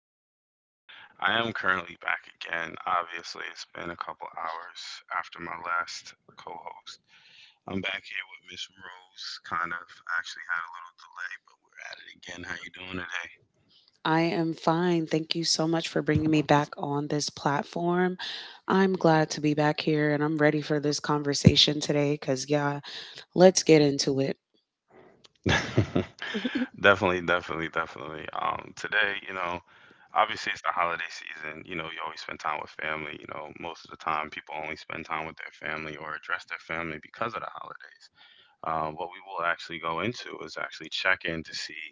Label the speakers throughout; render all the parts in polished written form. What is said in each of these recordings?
Speaker 1: with Your Mind. I am currently back again. Obviously, it's been a couple hours after my last co host. I'm back here with Miss Rose. Kind of actually had a little delay, but we're at it again. How you doing
Speaker 2: I am fine. Thank you so much for bringing me back on this platform. I'm glad to be back here and I'm ready for this conversation today because, yeah, let's get into it.
Speaker 1: today? Definitely. Today, you know, obviously it's the holiday season. You know, you always spend time with family. You know, most of the time people only spend time with their family or address their family because of the holidays. What we will actually go into is actually check in to see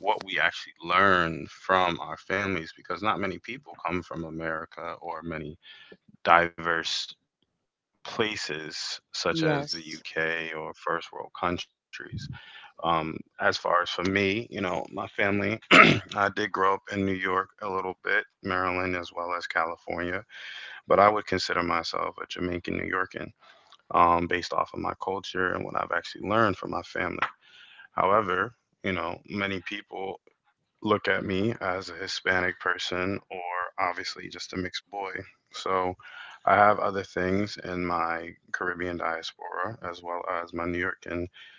Speaker 1: what we actually learn from our families, because not many people come from America or many diverse places such as the
Speaker 2: Yes.
Speaker 1: UK or first world countries. Um, as far as for me, you know, my family, I did grow up in New York a little bit, Maryland, as well as California, but I would consider myself a Jamaican New Yorkan based off of my culture and what I've actually learned from my family. However, you know, many people look at me as a Hispanic person or obviously just a mixed boy. So I have other things in my Caribbean diaspora as well as my New Yorker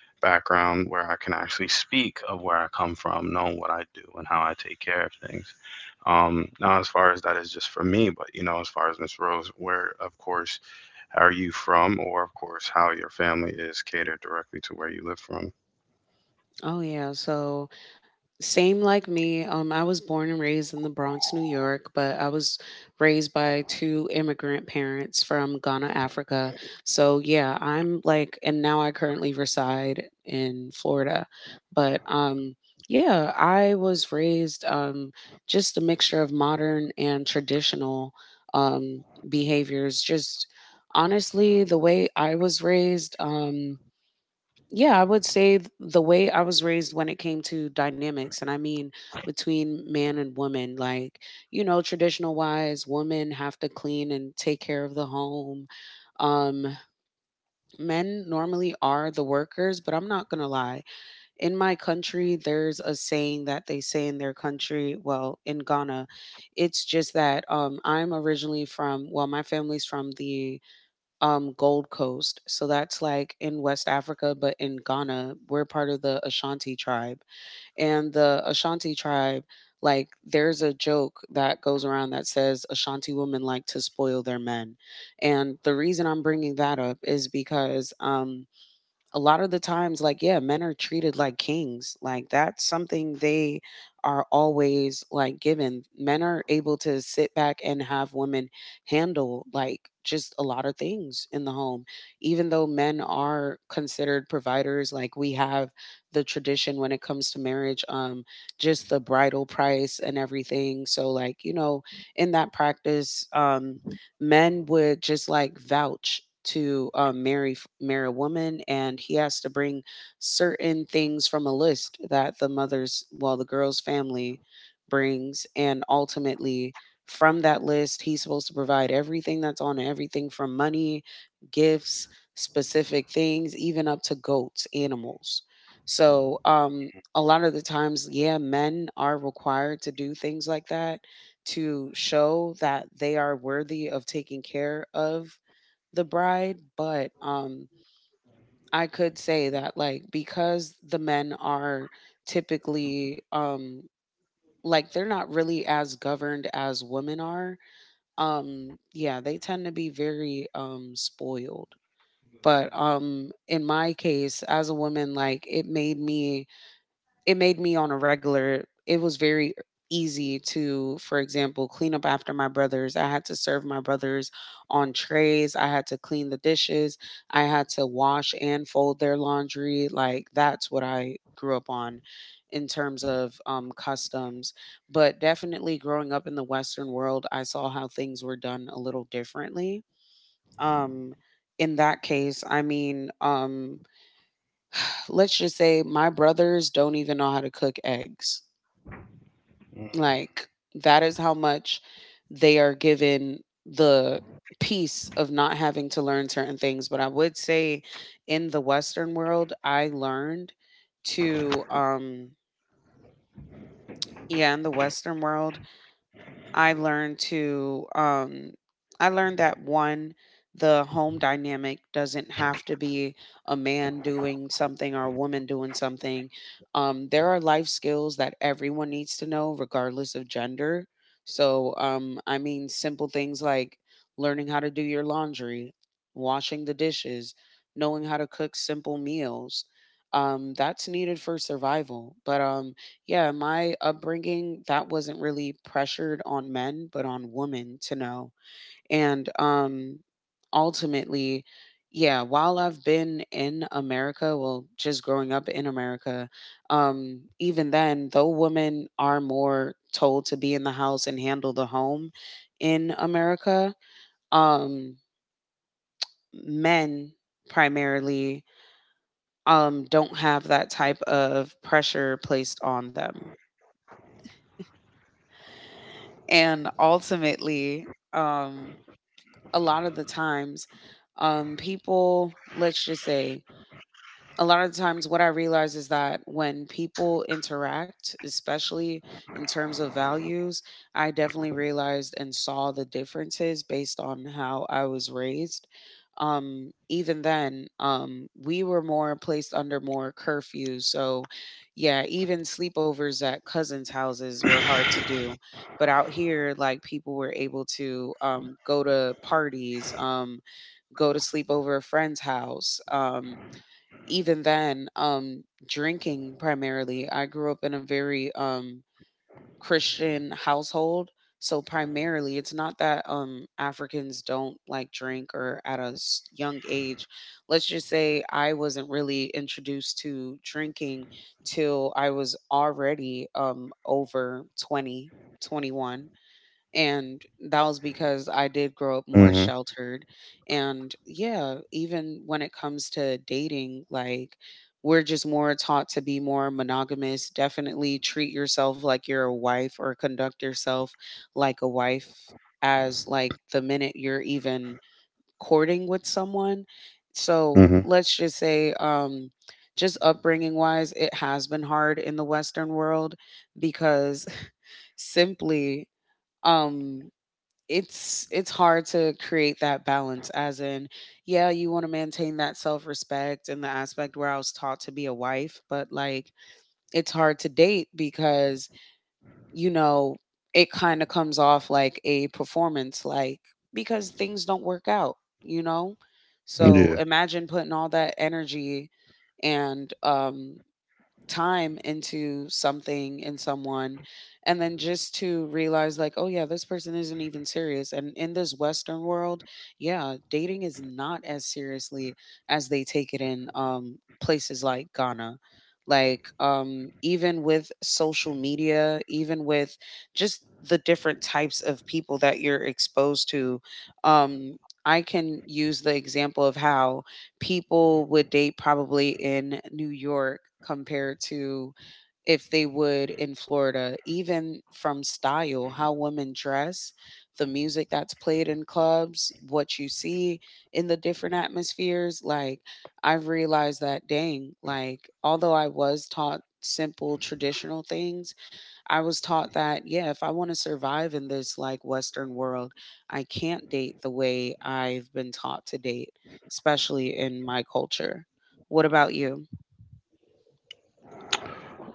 Speaker 1: background where I can actually speak of where I come from, knowing what I do and how I take care of things. Now, as far as that is just for me, but you know, as far as Miss Rose, where of course are you from, or of course how your family is catered directly to where you live from.
Speaker 2: Oh, yeah. So, same like me. I was born and raised in the Bronx, New York, but I was raised by two immigrant parents from Ghana, Africa. So, yeah, I'm like, and now I currently reside in Florida. But yeah, I was raised just a mixture of modern and traditional um, behaviors. Just honestly, the way I was raised. Yeah, I would say the way I was raised when it came to dynamics, and I mean between man and woman, like, you know, traditional wise, women have to clean and take care of the home. Um, men normally are the workers, but I'm not gonna lie. In my country, there's a saying that they say in their country, well, in Ghana, it's just that I'm originally from, well, my family's from the Gold Coast. So that's like in West Africa, but in Ghana, we're part of the Ashanti tribe. And the Ashanti tribe, like, there's a joke that goes around that says Ashanti women like to spoil their men. And the reason I'm bringing that up is because, a lot of the times, like, yeah, men are treated like kings, like that's something they are always like given. Men are able to sit back and have women handle like just a lot of things in the home, even though men are considered providers. Like, we have the tradition when it comes to marriage, just the bridal price and everything. So, like, you know, in that practice, men would just like vouch to marry marry a woman, and he has to bring certain things from a list that the mother's, well, the girl's family brings, and ultimately from that list he's supposed to provide everything that's on it, everything from money, gifts, specific things, even up to goats, animals. So a lot of the times, yeah, men are required to do things like that to show that they are worthy of taking care of the bride. But I could say that, like, because the men are typically like they're not really as governed as women are. Yeah, they tend to be very spoiled. But in my case as a woman, like, it made me, it made me, on a regular, it was very easy to, for example, clean up after my brothers. I had to serve my brothers on trays, I had to clean the dishes, I had to wash and fold their laundry. Like, that's what I grew up on in terms of customs. But definitely growing up in the western world I saw how things were done a little differently. um, in that case, I mean, let's just say my brothers don't even know how to cook eggs. Like, that is how much they are given the peace of not having to learn certain things. But I would say in the Western world, I learned to, yeah, in the Western world, I learned to I learned that, one, the home dynamic doesn't have to be a man doing something or a woman doing something. There are life skills that everyone needs to know regardless of gender. So I mean simple things like learning how to do your laundry, washing the dishes, knowing how to cook simple meals. That's needed for survival. But yeah, my upbringing, that wasn't really pressured on men, but on women to know. And ultimately, yeah, while I've been in America, well, just growing up in America, even then, though women are more told to be in the house and handle the home in America, um men primarily don't have that type of pressure placed on them. And ultimately, um, a lot of the times, people, let's just say, a lot of the times what I realize is that when people interact, especially in terms of values, I definitely realized and saw the differences based on how I was raised. Even then, we were more placed under more curfews. So yeah, even sleepovers at cousins houses were hard to do, but out here like people were able to go to parties, go to sleep over a friend's house. Even then, drinking primarily. I grew up in a very Christian household. So primarily, it's not that Africans don't like drink or at a young age. Let's just say I wasn't really introduced to drinking till I was already over 20, 21, and that was because I did grow up more
Speaker 1: Mhm,
Speaker 2: sheltered. And yeah, even when it comes to dating, like, we're just more taught to be more monogamous. Definitely treat yourself like you're a wife or conduct yourself like a wife as like the minute you're even courting with someone. So
Speaker 1: mhm,
Speaker 2: let's just say, just upbringing wise, it has been hard in the Western world because simply um it's hard to create that balance as in, yeah, you want to maintain that self-respect and the aspect where I was taught to be a wife, but like it's hard to date because, you know, it kind of comes off like a performance. Like, because things don't work out, you know, so
Speaker 1: yeah.
Speaker 2: imagine putting all that energy and time into something and someone, and then just to realize like, oh yeah, this person isn't even serious. And in this western world, yeah, dating is not as seriously as they take it in places like Ghana. Like, even with social media, even with just the different types of people that you're exposed to, um I can use the example of how people would date probably in New York compared to if they would in Florida, even from style, how women dress, the music that's played in clubs, what you see in the different atmospheres. Like, I've realized that, dang, like, although I was taught simple traditional things, I was taught that, yeah, if I want to survive in this like Western world, I can't date the way I've been taught to date, especially in my culture. What about you?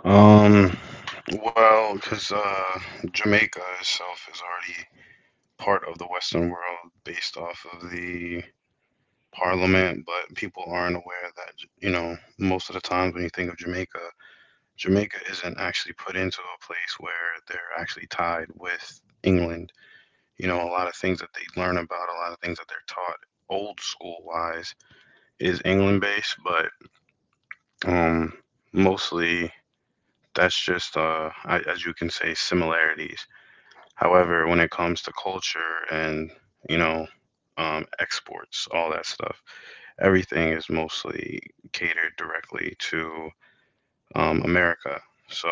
Speaker 1: Um, well, because Jamaica itself is already part of the Western world based off of the parliament, but people aren't aware that, you know, most of the times when you think of Jamaica, Jamaica isn't actually put into a place where they're actually tied with England. You know, a lot of things that they learn about, a lot of things that they're taught old school wise is England based, but um, mostly. That's just, as you can say, similarities. However, when it comes to culture and, you know, exports, all that stuff, everything is mostly catered directly to America. So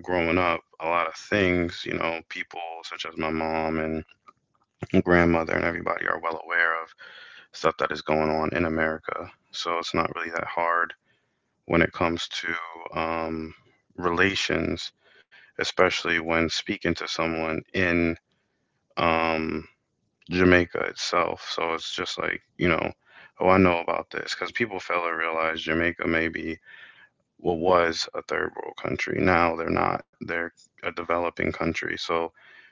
Speaker 1: growing up, a lot of things, you know, people such as my mom and grandmother and everybody are well aware of stuff that is going on in America. So it's not really that hard when it comes to relations, especially when speaking to someone in um, Jamaica itself. So it's just like, you know, oh, I know about this. Because people fail to realize Jamaica maybe, well, was a third world country. Now they're not. They're a developing country. So,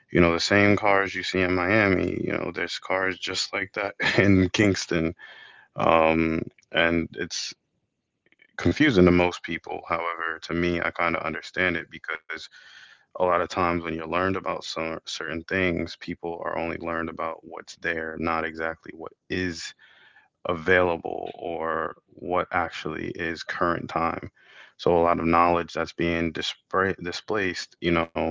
Speaker 1: you know, the same cars you see in Miami, you know, there's cars just like that in Kingston. Um, and it's confusing to most people. However, to me, I kind of understand it because a lot of times when you're learned about some certain things, people are only learned about what's there, not exactly what is available or what actually is current time. So a lot of knowledge that's being dispra displaced, you know,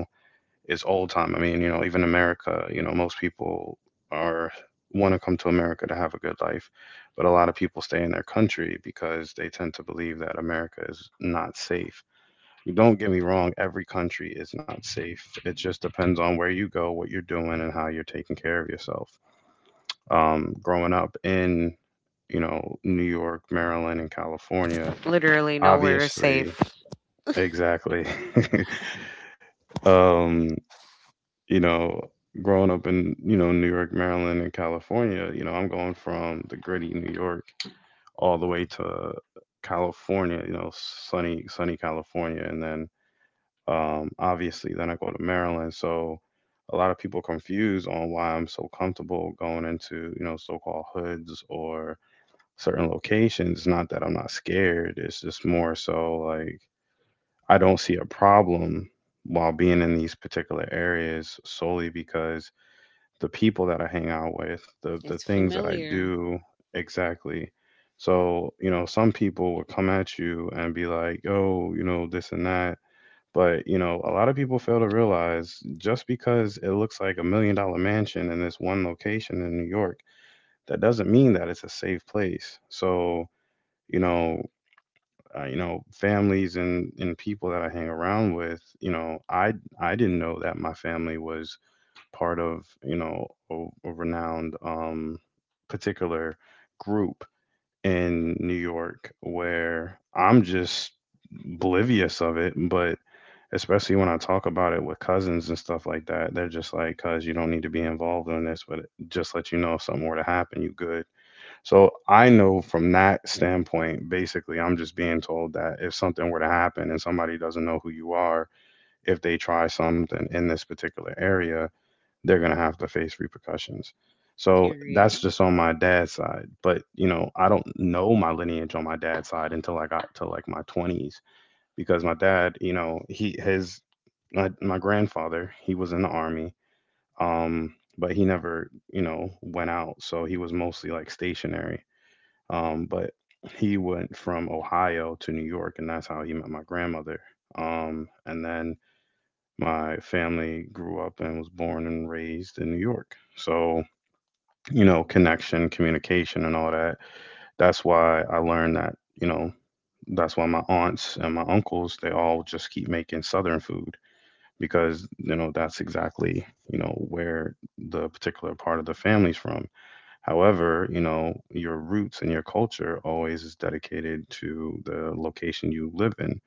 Speaker 1: is old time. I mean, you know, even America, you know, most people are want to come to America to have a good life, but a lot of people stay in their country because they tend to believe that America is not safe. Don't get me wrong, every country is not safe. It just depends on where you go, what you're doing, and how you're taking care of yourself. Growing up in, you know, New York, Maryland, and California,
Speaker 2: Literally nowhere is
Speaker 1: obviously,
Speaker 2: safe.
Speaker 1: exactly. Um, you know, growing up in, you know, New York, Maryland, and California, you know, I'm going from the gritty New York all the way to California, you know, sunny, sunny California, and then obviously. Then I go to Maryland. So a lot of people confused on why I'm so comfortable going into, you know, so-called hoods or certain locations. It's not that I'm not scared. It's just more so like I don't see a problem while being in these particular areas solely because the people that I hang out with, the
Speaker 2: It's
Speaker 1: things that I
Speaker 2: familiar.
Speaker 1: do, exactly. So, you know, some people would come at you and be like, "Yo, you know, this and that." But, you know, a lot of people fail to realize just because it looks like a $1 million mansion in this one location in New York, that doesn't mean that it's a safe place. So, you know, you know, families and people that I hang around with, you know, I didn't know that my family was part of, you know, a renowned particular group in New York where I'm just oblivious of it, but especially when I talk about it with cousins and stuff like that, they're just like, "Cuz you don't need to be involved in this, but just let you know if something were to happen, you good." So I know from that standpoint, basically, I'm just being told that if something were to happen and somebody doesn't know who you are, if they try something in this particular area, they're gonna have to face repercussions. So
Speaker 2: Period.
Speaker 1: that's just on my dad's side, but you know, I don't know my lineage on my dad's side until I got to like my 20s because my dad, you know, he his my grandfather, he was in the army, um, but he never, you know, went out, so he was mostly like stationary. But he went from Ohio to New York, and that's how he met my grandmother. And then my family grew up and was born and raised in New York. So, you know, connection, communication, and all that. That's why I learned that, you know, that's why my aunts and my uncles, they all just keep making Southern food, because you know that's exactly, you know, where the particular part of the family's from. However, you know, your roots and your culture always is dedicated to the location you live in.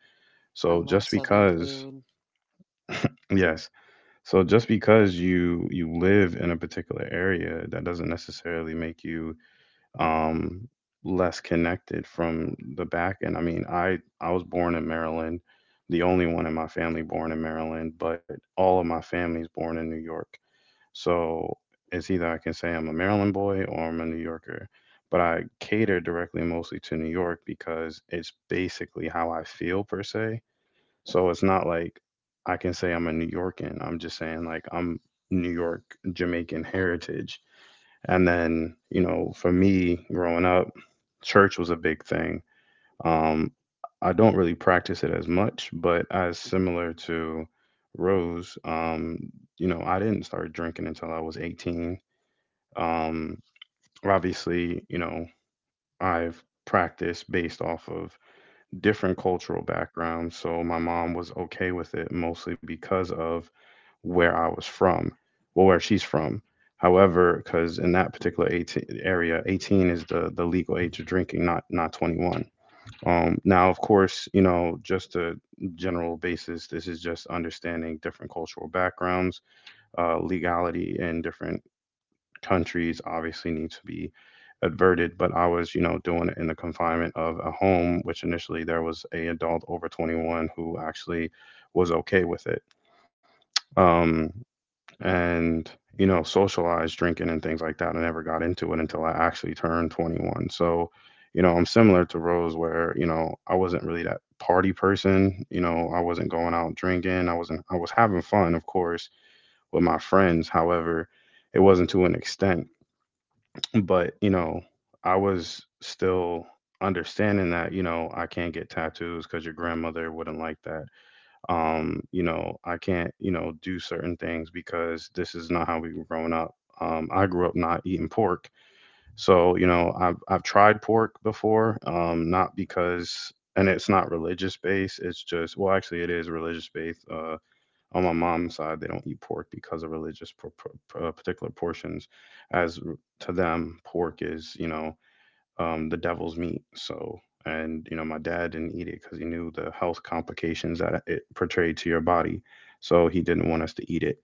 Speaker 2: I
Speaker 1: So
Speaker 2: love
Speaker 1: just
Speaker 2: Southern
Speaker 1: because,
Speaker 2: food.
Speaker 1: yes, so just because you live in a particular area, that doesn't necessarily make you um less connected from the back end. I mean, I was born in Maryland, the only one in my family born in Maryland, but all of my family's born in New York. So it's either I can say I'm a Maryland boy or I'm a New Yorker. But I cater directly mostly to New York because it's basically how I feel per se. So it's not like I can say I'm a New Yorkan. I'm just saying like I'm New York Jamaican heritage. And then, you know, for me growing up, church was a big thing. Um, I don't really practice it as much, but as similar to Rose, you know, I didn't start drinking until I was 18. Um, Obviously, you know, I've practiced based off of different cultural backgrounds. So my mom was okay with it mostly because of where I was from, well, where she's from. However, because in that particular 18 area, 18 is the legal age of drinking, not 21. Now, of course, you know, just a general basis, this is just understanding different cultural backgrounds. Legality in different countries obviously needs to be adverted, but I was, you know, doing it in the confinement of a home, which initially there was a adult over 21 who actually was okay with it. Um, and you know, socialized drinking and things like that, I never got into it until I actually turned 21. So you know, I'm similar to Rose, where you know, I wasn't really that party person. You know, I wasn't going out drinking, I wasn't I was having fun, of course, with my friends. However, it wasn't to an extent, but you know, I was still understanding that you know, I can't get tattoos because your grandmother wouldn't like that. You know, I can't, you know, do certain things because this is not how we were growing up. I grew up not eating pork. So, you know, I've tried pork before, not because, and it's not religious based. It's just, well, actually, it is religious based. On my mom's side, they don't eat pork because of religious particular portions. As r- to them, pork is, you know, the devil's meat. So, and you know, my dad didn't eat it because he knew the health complications that it portrayed to your body. So he didn't want us to eat it.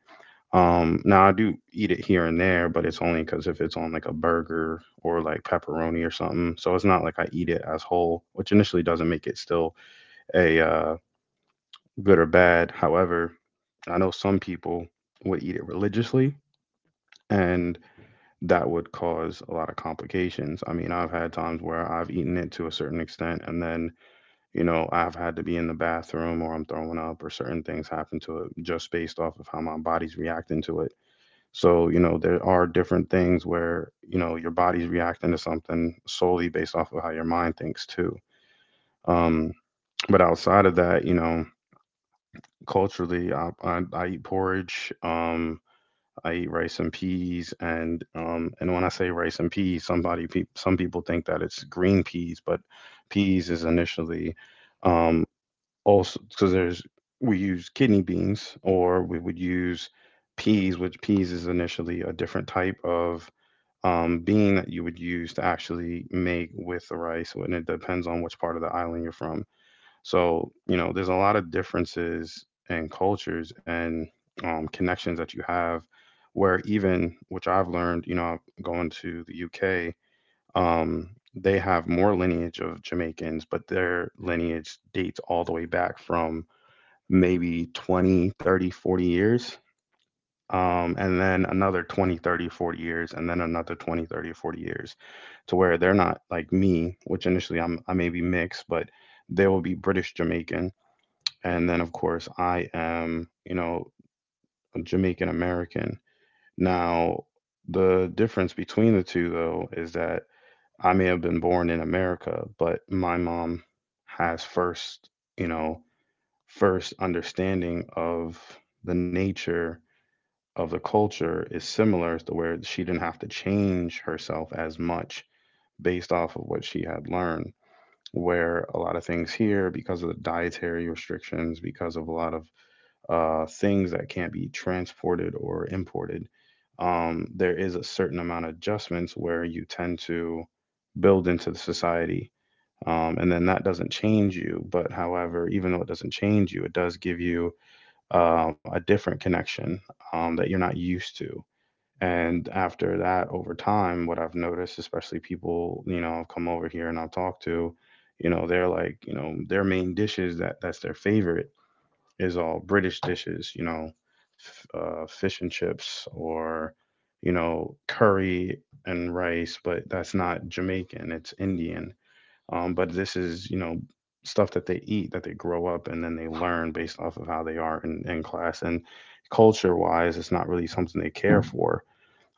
Speaker 1: Now I do eat it here and there, but it's only because if it's on like a burger or like pepperoni or something. So it's not like I eat it as whole, which initially doesn't make it still a good or bad. However, I know some people would eat it religiously, and that would cause a lot of complications. I mean, I've had times where I've eaten it to a certain extent, and then, I've had to be in the bathroom or I'm throwing up or certain things happen to it just based off of how my body's reacting to it. So, there are different things where, your body's reacting to something solely based off of how your mind thinks too. Um, but outside of that, culturally, I eat porridge. I eat rice and peas, and when I say rice and peas, somebody some people think that it's green peas, but peas is initially um, also because there's we use kidney beans or we would use peas, which peas is initially a different type of bean that you would use to actually make with the rice, and it depends on which part of the island you're from. So, there's a lot of differences and cultures and connections that you have where even, which I've learned, going to the UK, um, they have more lineage of Jamaicans, but their lineage dates all the way back from maybe 20, 30, 40 years. And then another 20, 30, 40 years, and then another 20, 30, 40 years to where they're not like me, which initially I'm, I may be mixed, but there will be British Jamaican, and then of course I am a Jamaican American now. The difference between the two though is that I may have been born in America, but my mom has first, you know first understanding of the nature of the culture is similar to where she didn't have to change herself as much based off of what she had learned, where a lot of things here because of the dietary restrictions, because of a lot of things that can't be transported or imported, there is a certain amount of adjustments where you tend to build into the society. And then that doesn't change you. But however, even though it doesn't change you, it does give you a different connection that you're not used to. And after that, over time, what I've noticed, especially people, I've come over here and I'll talk to, they're like, their main dishes that that's their favorite is all British dishes, fish and chips or, curry and rice, but that's not Jamaican, it's Indian. But this is, stuff that they eat, that they grow up, and then they learn based off of how they are in, class. And culture wise, it's not really something they care for.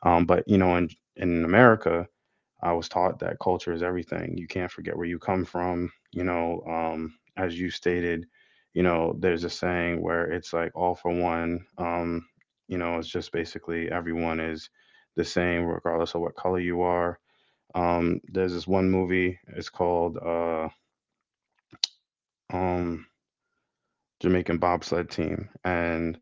Speaker 1: But, in, America, I was taught that culture is everything. You can't forget where you come from. As you stated, there's a saying where it's like all for one. You know, it's just basically everyone is the same regardless of what color you are. There's this one movie. It's called um, Jamaican Bobsled Team, and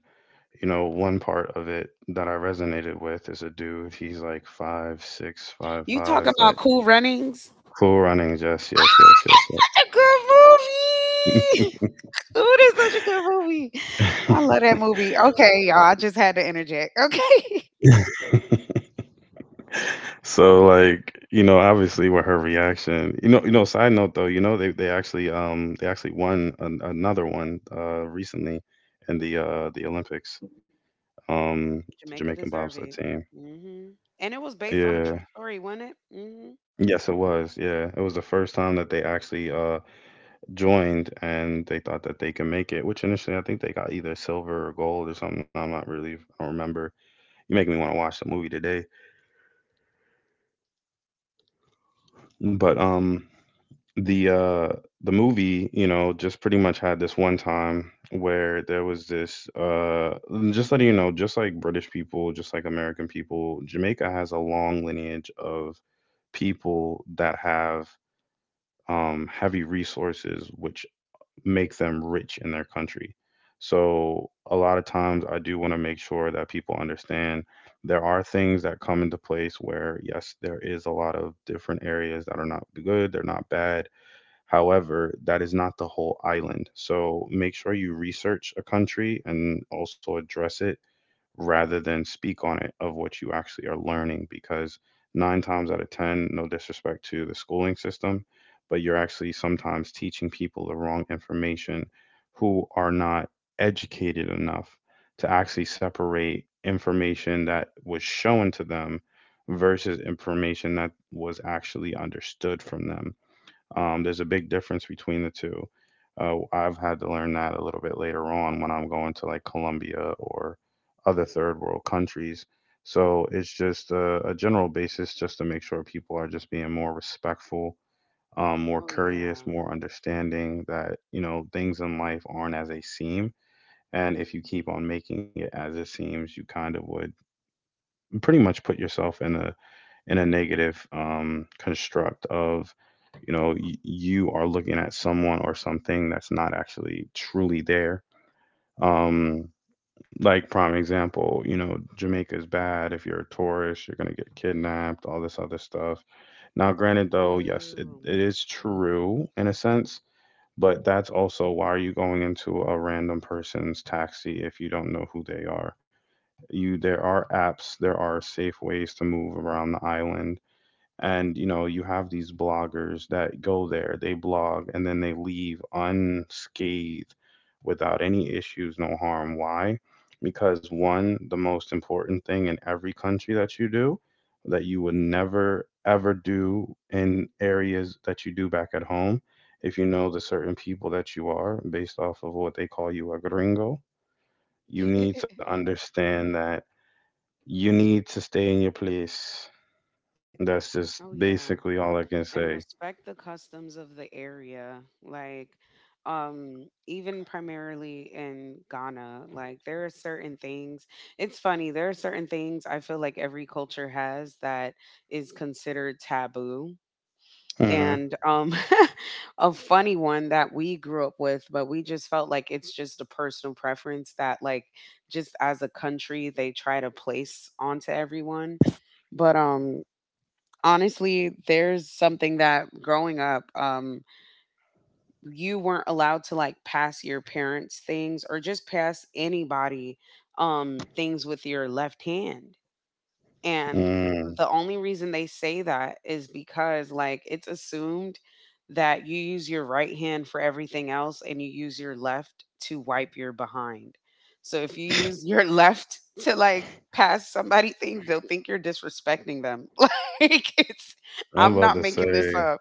Speaker 1: one part of it that I resonated with is a dude. He's like 5'6", five
Speaker 2: You
Speaker 1: five,
Speaker 2: talking about
Speaker 1: but
Speaker 2: Cool Runnings?
Speaker 1: cool running. Yes, yes, yes, yes, yes.
Speaker 2: Such a good movie. Cool is such a good movie. I love that movie. Okay, y'all. I just had to interject. Okay.
Speaker 1: So like, obviously with her reaction, side note though, they actually won another one recently in the the Olympics. The
Speaker 2: Jamaica
Speaker 1: Jamaican
Speaker 2: deserve
Speaker 1: bobsled
Speaker 2: it.
Speaker 1: team.
Speaker 2: Hmm. And it was based on a true
Speaker 1: Yeah.
Speaker 2: story, wasn't it? Hmm.
Speaker 1: Yes, it was. Yeah. It was the first time that they actually joined, and they thought that they can make it, which initially I think they got either silver or gold or something. I'm not really I don't remember. You're making me want to watch the movie today. But the uh the movie, just pretty much had this one time where there was this and just letting you know, just like British people, just like American people, Jamaica has a long lineage of people that have heavy resources which make them rich in their country. So a lot of times I do want to make sure that people understand there are things that come into place where yes, there is a lot of different areas that are not good, they're not bad. However, that is not the whole island. So make sure you research a country and also address it, rather than speak on it, of what you actually are learning, because nine times out of ten, no disrespect to the schooling system, but you're actually sometimes teaching people the wrong information who are not educated enough to actually separate information that was shown to them versus information that was actually understood from them. There's a big difference between the two. I've had to learn that a little bit later on when I'm going to like Colombia or other third world countries. So it's just a general basis, just to make sure people are just being more respectful, more
Speaker 2: Oh
Speaker 1: courteous,
Speaker 2: yeah.
Speaker 1: more understanding that, things in life aren't as they seem. And if you keep on making it as it seems, you kind of would pretty much put yourself in a negative construct of, you are looking at someone or something that's not actually truly there. um like prime example, Jamaica is bad, if you're a tourist you're going to get kidnapped, all this other stuff. Now granted though, yes it,
Speaker 2: Boo.
Speaker 1: it is true in a sense, but that's also, why are you going into a random person's taxi if you don't know who they are? You there are apps, there are safe ways to move around the island, and you have these bloggers that go there, they blog and then they leave unscathed without any issues, no harm. Why? Because one, the most important thing in every country that you do, that you would never ever do in areas that you do back at home, if you know the certain people that you are based off of what they call you, a gringo, you need to understand that. You need to stay in your place. That's just
Speaker 2: Oh yeah.
Speaker 1: basically all I can say.
Speaker 2: And respect the customs of the area. Like, even primarily in Ghana, like there are certain things, it's funny, there are certain things I feel like every culture has that is considered taboo.
Speaker 1: Hmm.
Speaker 2: And a funny one that we grew up with, but we just felt like it's just a personal preference, that like, just as a country they try to place onto everyone. But honestly, there's something that growing up, you weren't allowed to like pass your parents things or just pass anybody things with your left hand. And
Speaker 1: Mm.
Speaker 2: the only reason they say that is because, like, it's assumed that you use your right hand for everything else and you use your left to wipe your behind. So if you use your left to, like, pass somebody things, they'll think you're disrespecting them. Like, it's,
Speaker 1: I'm
Speaker 2: I'm
Speaker 1: about
Speaker 2: not
Speaker 1: to say,
Speaker 2: making this up.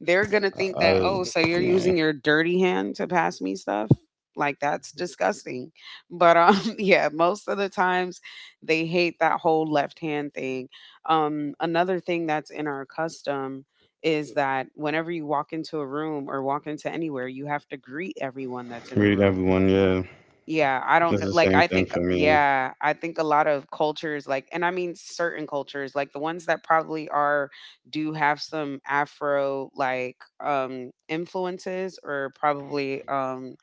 Speaker 2: They're going to think
Speaker 1: I
Speaker 2: that, oh, so you're
Speaker 1: you know,
Speaker 2: using your dirty hand to pass me stuff? Like, that's disgusting. But, yeah, most of the times, they hate that whole left hand thing. Another thing that's in our custom is that whenever you walk into a room or walk into anywhere, you have to greet everyone that's in the
Speaker 1: read
Speaker 2: room.
Speaker 1: everyone. Yeah,
Speaker 2: Yeah, I don't
Speaker 1: it's
Speaker 2: know.
Speaker 1: the
Speaker 2: Like,
Speaker 1: same
Speaker 2: I
Speaker 1: thing
Speaker 2: think,
Speaker 1: for me.
Speaker 2: yeah, I think a lot of cultures, like, and I mean certain cultures, like the ones that probably are, do have some Afro like influences, or probably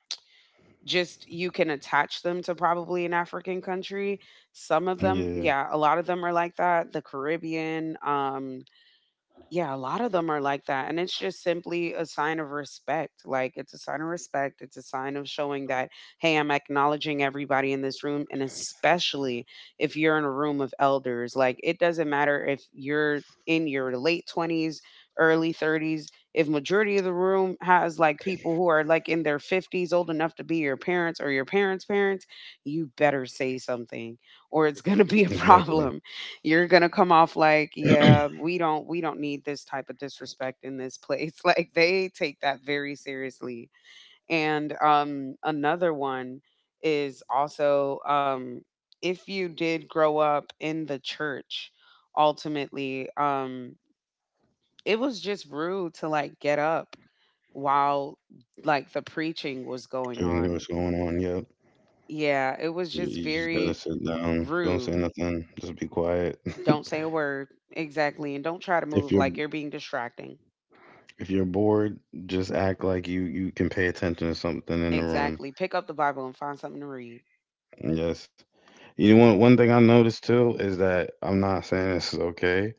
Speaker 2: just you can attach them to probably an African country. Some of them,
Speaker 1: Yeah,
Speaker 2: yeah, a lot of them are like that. The Caribbean, yeah, a lot of them are like that. And it's just simply a sign of respect. Like, it's a sign of respect. It's a sign of showing that, hey, I'm acknowledging everybody in this room. And especially if you're in a room of elders, like, it doesn't matter if you're in your late 20s, early 30s, if majority of the room has like people who are like in their 50s, old enough to be your parents or your parents' parents, you better say something or it's going to be a
Speaker 1: exactly.
Speaker 2: problem. You're gonna come off like, yeah, we don't need this type of disrespect in this place. Like they take that very seriously. And another one is also if you did grow up in the church, ultimately, it was just rude to like get up while like the preaching was going
Speaker 1: You know
Speaker 2: on.
Speaker 1: what's going on. Yep.
Speaker 2: Yeah, it was
Speaker 1: You,
Speaker 2: just
Speaker 1: you just gotta
Speaker 2: very
Speaker 1: sit down. Don't say
Speaker 2: rude.
Speaker 1: nothing. Just be quiet.
Speaker 2: Don't say a word exactly, and don't try to
Speaker 1: if
Speaker 2: move
Speaker 1: you're
Speaker 2: like you're being distracting.
Speaker 1: if you're bored, just act like you can pay attention to something in the room.
Speaker 2: Exactly. Pick up the Bible and find something to read.
Speaker 1: Yes. You know, one thing I noticed too is that I'm not saying this is okay,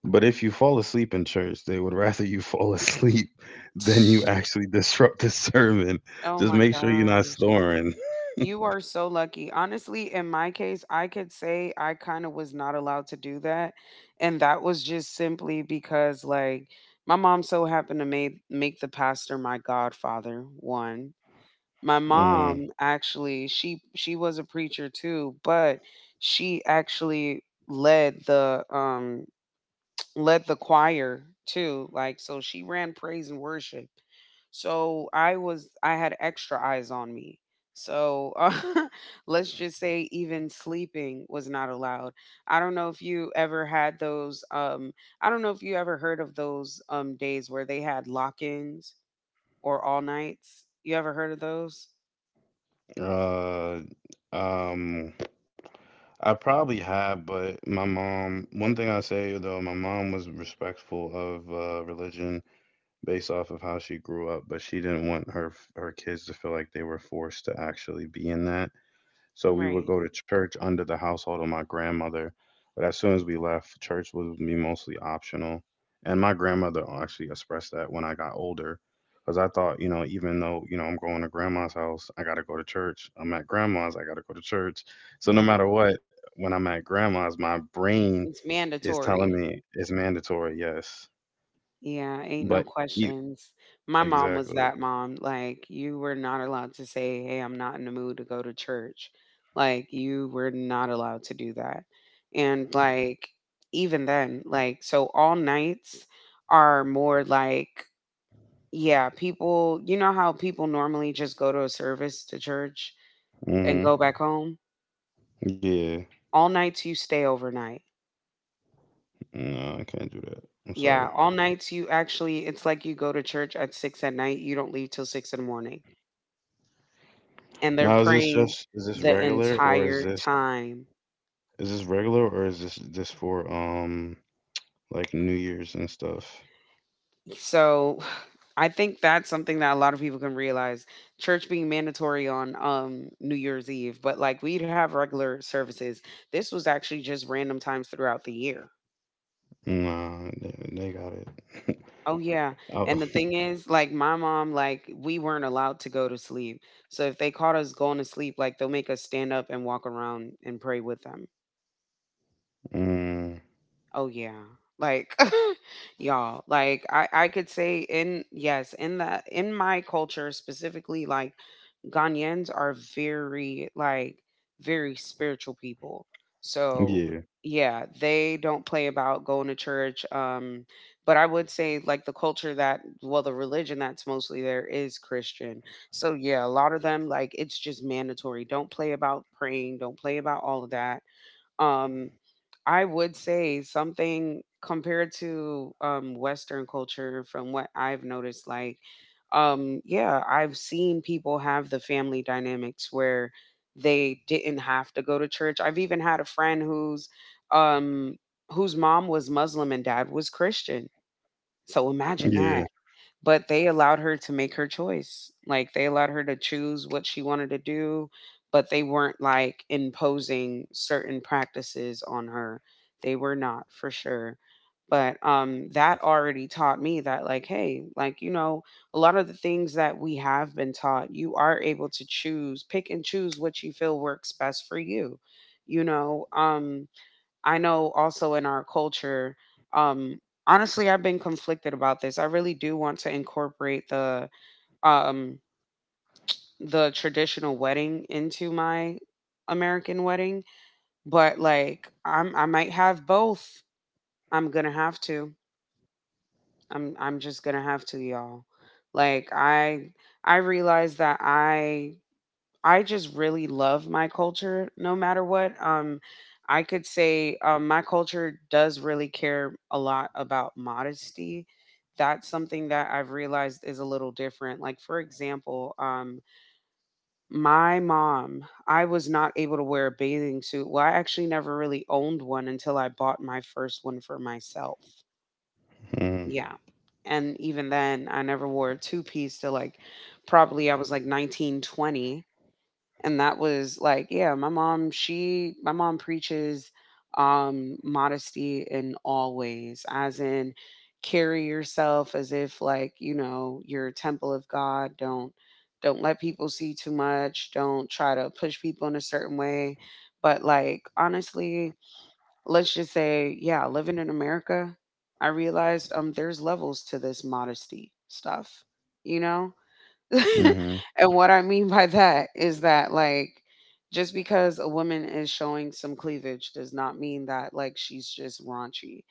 Speaker 1: but if you fall asleep in church, they would rather you fall asleep than you actually disrupt the sermon.
Speaker 2: Oh
Speaker 1: Just
Speaker 2: my
Speaker 1: make sure you're not
Speaker 2: gosh.
Speaker 1: snoring.
Speaker 2: You are so lucky. Honestly, in my case, I could say I kind of was not allowed to do that. And that was just simply because like my mom so happened to make the pastor my godfather, one. My
Speaker 1: Mm,
Speaker 2: mom actually, she was a preacher too, but she actually led the um led the choir too. Like, so she ran praise and worship. So I had extra eyes on me. So let's just say even sleeping was not allowed. I don't know if you ever had those. I don't know if you ever heard of those days where they had lock ins or all nights. You ever heard of those?
Speaker 1: uh, um, I probably have, but my mom, one thing I say though, my mom was respectful of religion based off of how she grew up, but she didn't want her kids to feel like they were forced to actually be in that. So we would
Speaker 2: Right,
Speaker 1: go to church under the household of my grandmother. But as soon as we left, church was me mostly optional. And my grandmother actually expressed that when I got older. Because I thought, even though, I'm going to grandma's house, I got to go to church. I'm at grandma's, I got to go to church. So no
Speaker 2: right.
Speaker 1: matter what, when I'm at grandma's, my brain
Speaker 2: It's
Speaker 1: is telling
Speaker 2: mandatory.
Speaker 1: me it's mandatory, yes.
Speaker 2: Yeah, ain't
Speaker 1: But
Speaker 2: no
Speaker 1: e-
Speaker 2: questions. My mom was
Speaker 1: exactly.
Speaker 2: that mom. Like, you were not allowed to say, hey, I'm not in the mood to go to church. Like, you were not allowed to do that. And, like, even then, like, so all nights are more like, yeah, people, you know how people normally just go to a service to church and
Speaker 1: Hmm.
Speaker 2: go back home?
Speaker 1: Yeah.
Speaker 2: All nights you stay overnight.
Speaker 1: No, I can't do that. I'm sorry.
Speaker 2: Yeah, all nights you actually, it's like you go to church at six at night, you don't leave till six in the morning and they're
Speaker 1: Now,
Speaker 2: praying
Speaker 1: is this
Speaker 2: the
Speaker 1: regular, or
Speaker 2: entire time.
Speaker 1: is this regular, or is this just for like New Year's and stuff?
Speaker 2: So I think that's something that a lot of people can realize. Church being mandatory on New Year's Eve, but like we'd have regular services. This was actually just random times throughout the year.
Speaker 1: Nah, they got it.
Speaker 2: Oh yeah. And
Speaker 1: Oh,
Speaker 2: the thing is, like my mom, like we weren't allowed to go to sleep. So if they caught us going to sleep, like they'll make us stand up and walk around and pray with them.
Speaker 1: mm,
Speaker 2: Oh yeah. Like y'all, like I could say in, yes, in my culture specifically, like Ghanaians are very like very spiritual people. So
Speaker 1: yeah,
Speaker 2: yeah, they don't play about going to church. But I would say like the culture that well, the religion that's mostly there is Christian. So yeah, a lot of them like it's just mandatory. Don't play about praying, don't play about all of that. Um. I would say something compared to Western culture, from what I've noticed, like, yeah, I've seen people have the family dynamics where they didn't have to go to church. I've even had a friend um, whose mom was Muslim and dad was Christian. So imagine that,
Speaker 1: yeah.
Speaker 2: but they allowed her to make her choice. Like they allowed her to choose what she wanted to do, but they weren't like imposing certain practices on her. They were not for sure. But that already taught me that, like, hey, like, a lot of the things that we have been taught, you are able to choose, pick and choose what you feel works best for you. You know, um I know also in our culture, um, honestly, I've been conflicted about this. I really do want to incorporate the um the traditional wedding into my American wedding, but like I might have both. I'm gonna have to. I'm just gonna have to, y'all. Like I realize that I just really love my culture no matter what. I could say, my culture does really care a lot about modesty. That's something that I've realized is a little different. Like, for example, my mom, I was not able to wear a bathing suit. Well, I actually never really owned one until I bought my first one for myself.
Speaker 1: Mm.
Speaker 2: Yeah. And even then, I never wore a two-piece till like probably I was like 19, 20 and that was like, yeah, my mom preaches modesty in all ways. As in, carry yourself as if, like, you're a temple of God. Don't let people see too much, don't try to push people in a certain way. But like, honestly, let's just say, yeah, living in America, I realized there's levels to this modesty stuff you know
Speaker 1: Hmm.
Speaker 2: and what I mean by that is that, like, just because a woman is showing some cleavage does not mean that, like, she's just raunchy.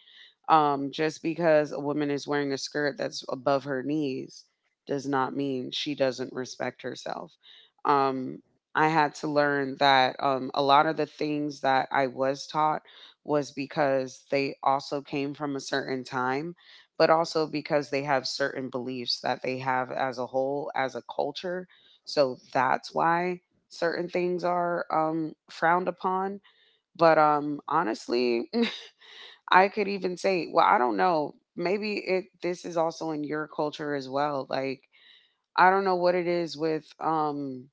Speaker 2: Just because a woman is wearing a skirt that's above her knees does not mean she doesn't respect herself. Um, I had to learn that, a lot of the things that I was taught was because they also came from a certain time, but also because they have certain beliefs that they have as a whole, as a culture. So that's why certain things are frowned upon. But honestly, I could even say, well, I don't know. Maybe it this is also in your culture as well. Like, I don't know what it is with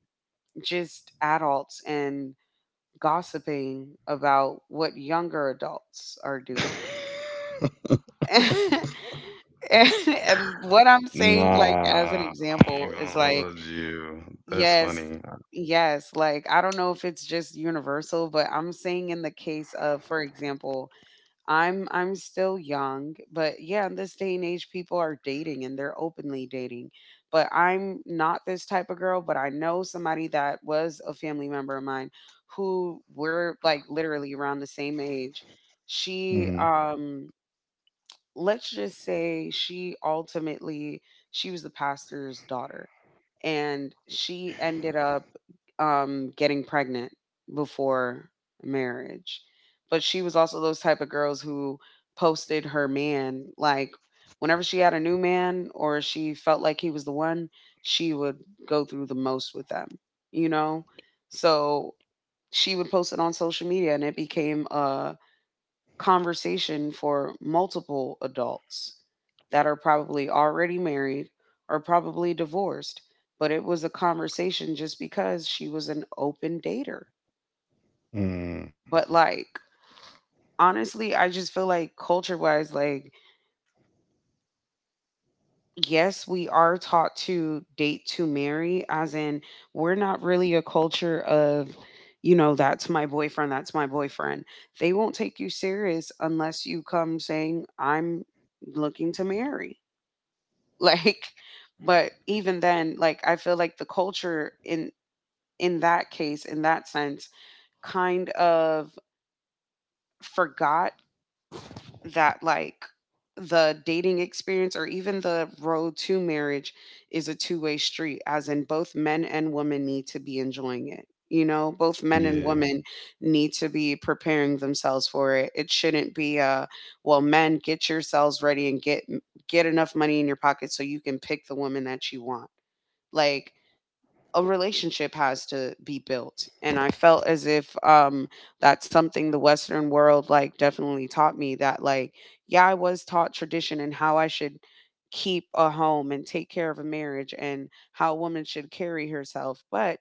Speaker 2: just adults and gossiping about what younger adults are doing. and, and what I'm saying, like, as an
Speaker 1: Nah, I ain't
Speaker 2: example, is
Speaker 1: gonna
Speaker 2: like,
Speaker 1: hold you. That's
Speaker 2: yes,
Speaker 1: funny.
Speaker 2: yes, like, I don't know if it's just universal, but I'm saying in the case of, for example, I'm still young, but yeah, in this day and age, people are dating and they're openly dating. But I'm not this type of girl, but I know somebody that was a family member of mine who were like literally around the same age. She
Speaker 1: Mm,
Speaker 2: Let's just say she was the pastor's daughter, and she ended up getting pregnant before marriage, but she was also those type of girls who posted her man, like whenever she had a new man or she felt like he was the one, she would go through the most with them, you know so she would post it on social media and it became a conversation for multiple adults that are probably already married or probably divorced. But it was a conversation just because she was an open dater.
Speaker 1: mm,
Speaker 2: But like, honestly, I just feel like culture wise, like, yes, we are taught to date to marry, as in, we're not really a culture of, that's my boyfriend, that's my boyfriend. They won't take you serious unless you come saying, I'm looking to marry. Like, but even then, like, I feel like the culture in that case, in that sense, kind of forgot that, like, the dating experience or even the road to marriage is a two-way street, as in both men and women need to be enjoying it, both men and
Speaker 1: yeah,
Speaker 2: women need to be preparing themselves for it. It shouldn't be a, well, men, get yourselves ready and get enough money in your pocket so you can pick the woman that you want, like a relationship has to be built. And I felt as if that's something the Western world like definitely taught me. That, like, yeah, I was taught tradition and how I should keep a home and take care of a marriage and how a woman should carry herself, but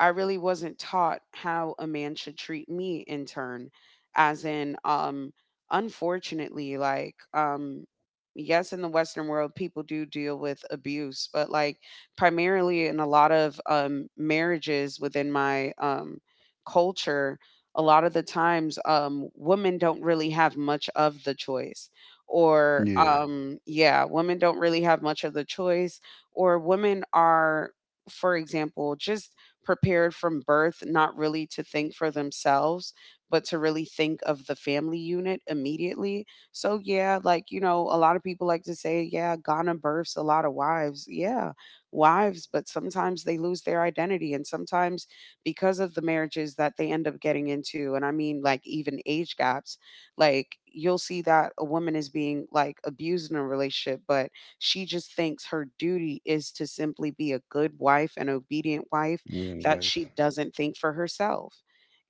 Speaker 2: I really wasn't taught how a man should treat me in turn. As in, unfortunately, like, yes, in the Western world, people do deal with abuse, but like, primarily in a lot of marriages within my culture, a lot of the times, women don't really have much of the choice. Or,
Speaker 1: yeah.
Speaker 2: yeah, women don't really have much of the choice, or women are, for example, just prepared from birth not really to think for themselves but to really think of the family unit immediately. So yeah, like, a lot of people like to say, yeah, Ghana births a lot of wives, yeah, wives, but sometimes they lose their identity and sometimes because of the marriages that they end up getting into. And I mean, like, even age gaps, like, you'll see that a woman is being like abused in a relationship, but she just thinks her duty is to simply be a good wife, an obedient wife,
Speaker 1: You and
Speaker 2: that she
Speaker 1: wife.
Speaker 2: doesn't think for herself.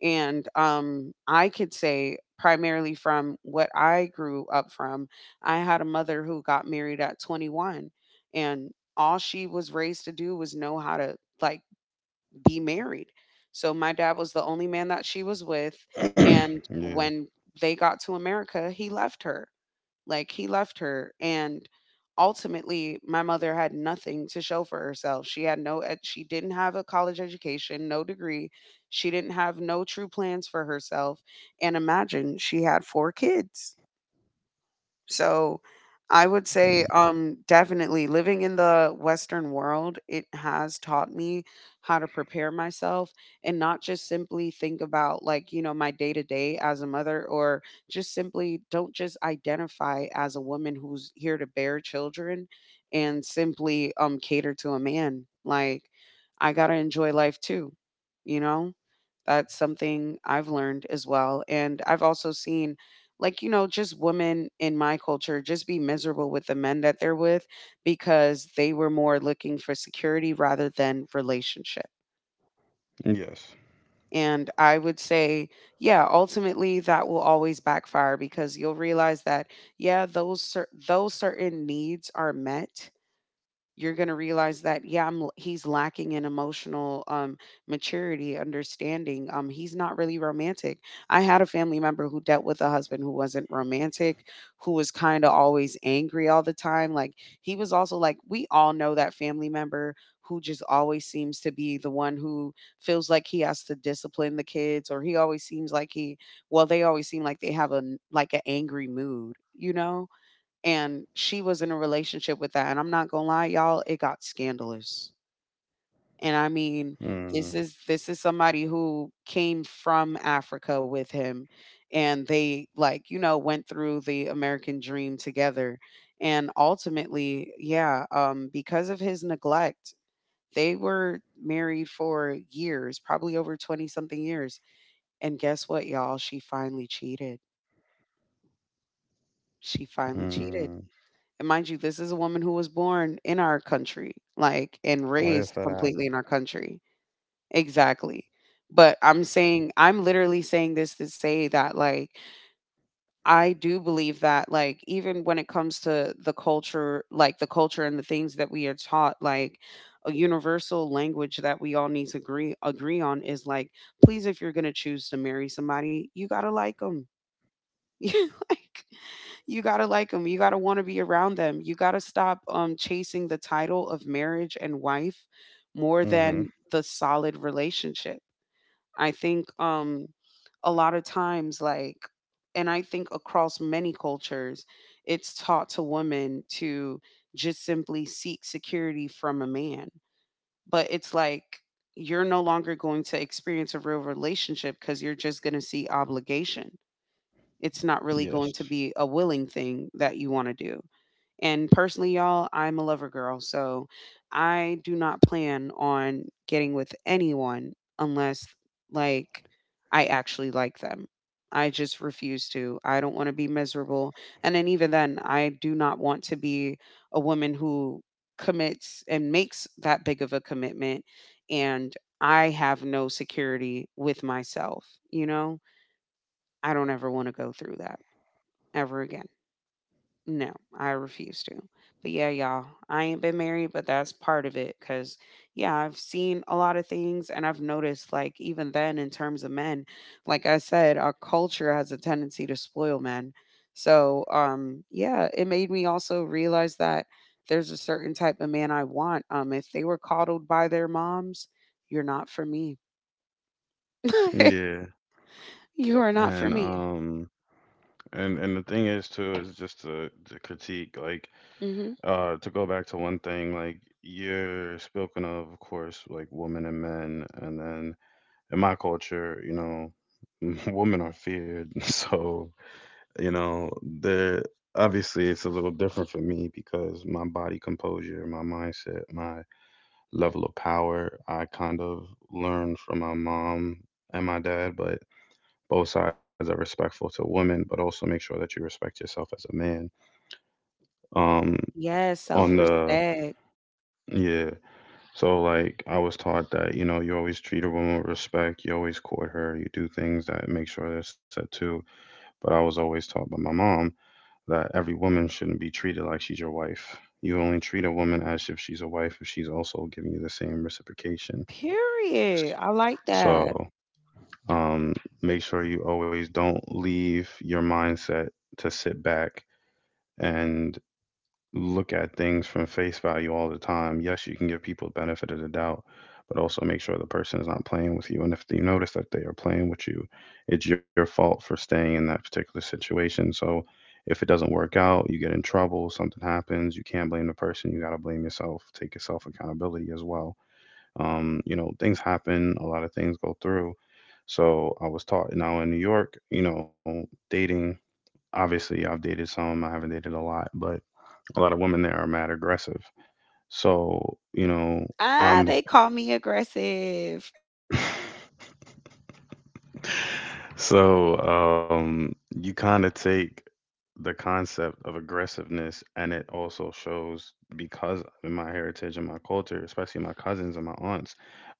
Speaker 2: And I could say, primarily from what I grew up from, I had a mother who got married at 21, and all she was raised to do was know how to, like, be married. So my dad was the only man that she was with.
Speaker 1: Yeah.
Speaker 2: And when they got to America, he left her, like he left her and ultimately my mother had nothing to show for herself. She had no she didn't have a college education, no degree. She didn't have no true plans for herself. And imagine she had four kids. So I would say
Speaker 1: Mm.
Speaker 2: definitely living in the western world it has taught me how to prepare myself, and not just simply think about my day to day as a mother, or just simply don't just identify as a woman who's here to bear children and simply cater to a man. Like, I got to enjoy life too, you know that's something I've learned as well. And I've also seen, just women in my culture just be miserable with the men that they're with because they were more looking for security rather than relationship.
Speaker 1: Yes.
Speaker 2: And I would say, yeah, ultimately that will always backfire because you'll realize that, yeah, those certain needs are met, you're going to realize that he's lacking in emotional maturity, understanding. He's not really romantic. I had a family member who dealt with a husband who wasn't romantic, who was kind of always angry all the time. Like, he was also like, we all know that family member who just always seems to be the one who feels like he has to discipline the kids, or he always seems like he well they always seem like they have a like an angry mood, you know? And she was in a relationship with that, and I'm not gonna lie, y'all, it got scandalous. And I mean,
Speaker 1: Mm,
Speaker 2: this is somebody who came from Africa with him, and they, like, you know, went through the American dream together. And ultimately, yeah, because of his neglect, they were married for years, probably over 20 something years. And guess what, y'all? She finally cheated. She finally
Speaker 1: mm.
Speaker 2: cheated. And mind you, this is a woman who was born in our country, like, and
Speaker 1: Fire for
Speaker 2: raised
Speaker 1: that.
Speaker 2: completely in our country. Exactly. But I'm saying, I'm literally saying this to say that, like, I do believe that, like, even when it comes to the culture, like, the culture and the things that we are taught, like, a universal language that we all need to agree on is like, please, if you're going to choose to marry somebody, you got to like them. Like, you got to like them. You got to want to be around them. You got to stop chasing the title of marriage and wife more
Speaker 1: Mm-hmm.
Speaker 2: than the solid relationship. I think a lot of times, like, and I think across many cultures, it's taught to women to just simply seek security from a man. But it's like, you're no longer going to experience a real relationship because you're just going to see obligation. It's not really going to
Speaker 1: Yes.
Speaker 2: be a willing thing that you want to do. And personally, y'all, I'm a lover girl. So I do not plan on getting with anyone unless, like, I actually like them. I just refuse to. I don't want to be miserable. And then, even then, I do not want to be a woman who commits and makes that big of a commitment, and I have no security with myself, you know? I don't ever want to go through that ever again. No, I refuse to. But yeah, y'all, I ain't been married, but that's part of it. Cause yeah, I've seen a lot of things, and I've noticed, like, even then, in terms of men, like I said, our culture has a tendency to spoil men. So, yeah, it made me also realize that there's a certain type of man I want. If they were coddled by their moms, you're not for me.
Speaker 1: Yeah.
Speaker 2: You are not for
Speaker 1: And
Speaker 2: me.
Speaker 1: um and the thing is, too, is just to critique, like,
Speaker 2: Hmm.
Speaker 1: to go back to one thing, like, you're spoken of course, like, women and men. And then, in my culture, you know, women are feared so, you know, there obviously it's a little different for me because my body composure, my mindset, my level of power, I kind of learned from my mom and my dad. But both sides are respectful to women, but also make sure that you respect yourself as a man. um
Speaker 2: Yes, self
Speaker 1: on the
Speaker 2: respect.
Speaker 1: Yeah. So, like, I was taught that, you know, you always treat a woman with respect, you always court her, you do things that make sure they're set to. But I was always taught by my mom that every woman shouldn't be treated like she's your wife. You only treat a woman as if she's a wife if she's also giving you the same reciprocation.
Speaker 2: Period. I like
Speaker 1: So,
Speaker 2: that.
Speaker 1: um make sure you always don't leave your mindset to sit back and look at things from face value all the time. Yes, you can give people the benefit of the doubt, but also make sure the person is not playing with you. And if you notice that they are playing with you, it's your fault for staying in that particular situation. So if it doesn't work out, you get in trouble, something happens, you can't blame the person. You got to blame yourself, take yourself accountability as well. You know, things happen, a lot of things go through. So I was taught, now, in New York, you know, dating, obviously I've dated some, I haven't dated a lot, but a lot of women there are mad aggressive. So, you know,
Speaker 2: Ah,
Speaker 1: I'm
Speaker 2: they call me aggressive.
Speaker 1: so, you kind of take the concept of aggressiveness, and it also shows because in my heritage and my culture, especially my cousins and my aunts,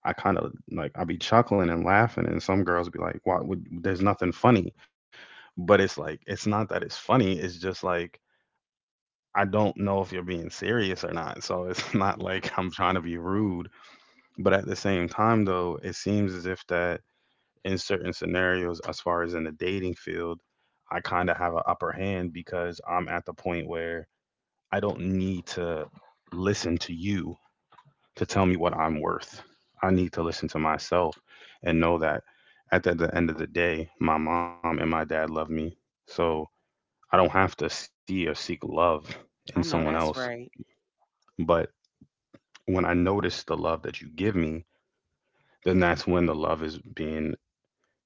Speaker 1: I kind of like I be chuckling and laughing, and some girls be like, "Why would there's nothing funny?" But it's like, it's not that it's funny, it's just like I don't know if you're being serious or not. So it's not like I'm trying to be rude. But at the same time, though, it seems as if that in certain scenarios, as far as in the dating field, I kind of have an upper hand because I'm at the point where I don't need to listen to you to tell me what I'm worth. I need to listen to myself and know that at the end of the day, my mom and my dad love me. So I don't have to see or seek love in
Speaker 2: I
Speaker 1: someone
Speaker 2: know
Speaker 1: else.
Speaker 2: that's right.
Speaker 1: But when I notice the love that you give me, then that's when the love is being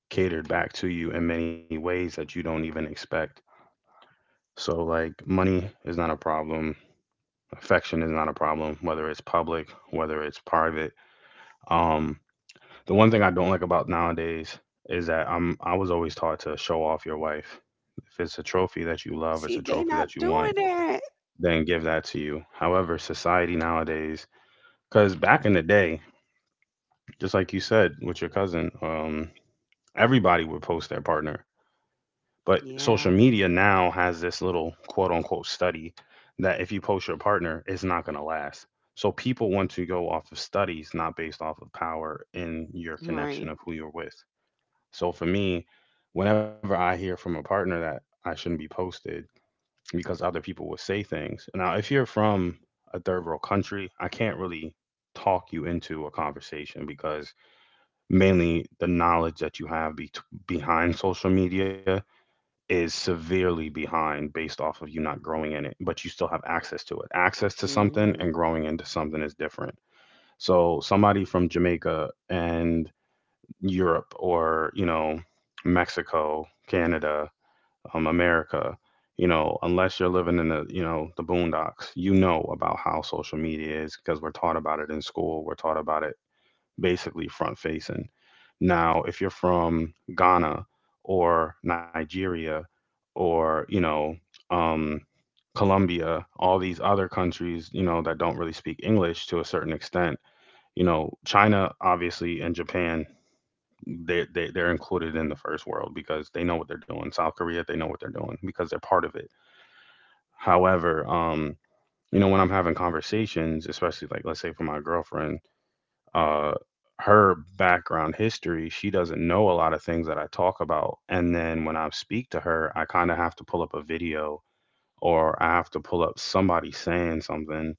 Speaker 1: catered back to you in many ways that you don't even expect. So, like, money is not a problem. Affection is not a problem, whether it's public, whether it's private. Um, the one thing I don't like about nowadays is that I was always taught to show off your wife. If it's a trophy that you love, it's
Speaker 2: See,
Speaker 1: a
Speaker 2: they
Speaker 1: trophy that
Speaker 2: not
Speaker 1: you
Speaker 2: doing
Speaker 1: want,
Speaker 2: that.
Speaker 1: then give that to you. However, society nowadays, because back in the day, just like you said with your cousin, everybody would post their partner. But social
Speaker 2: Yeah.
Speaker 1: media now has this little quote unquote study that if you post your partner, it's not going to last. So people want to go off of studies, not based off of power in your connection
Speaker 2: Right.
Speaker 1: of who you're with. So for me, whenever I hear from a partner that I shouldn't be posted because other people will say things. Now, if you're from a third world country, I can't really talk you into a conversation because mainly the knowledge that you have behind social media is severely behind based off of you not growing in it, but you still have access to it. Access to something and
Speaker 2: Mhm.
Speaker 1: growing into something is different. So, somebody from Jamaica and Europe, or, you know, Mexico, Canada, America, you know, unless you're living in the, you know, the boondocks, you know about how social media is, because we're taught about it in school. We're taught about it basically front facing. Now, if you're from Ghana or Nigeria, or, you know, um, Colombia, all these other countries, you know, that don't really speak English to a certain extent, you know, China, obviously, and Japan, they're included in the first world because they know what they're doing. South Korea, they know what they're doing because they're part of it. However, you know, when I'm having conversations, especially like, let's say for my girlfriend, uh, her background history, she doesn't know a lot of things that I talk about. And then when I speak to her, I kind of have to pull up a video, or I have to pull up somebody saying something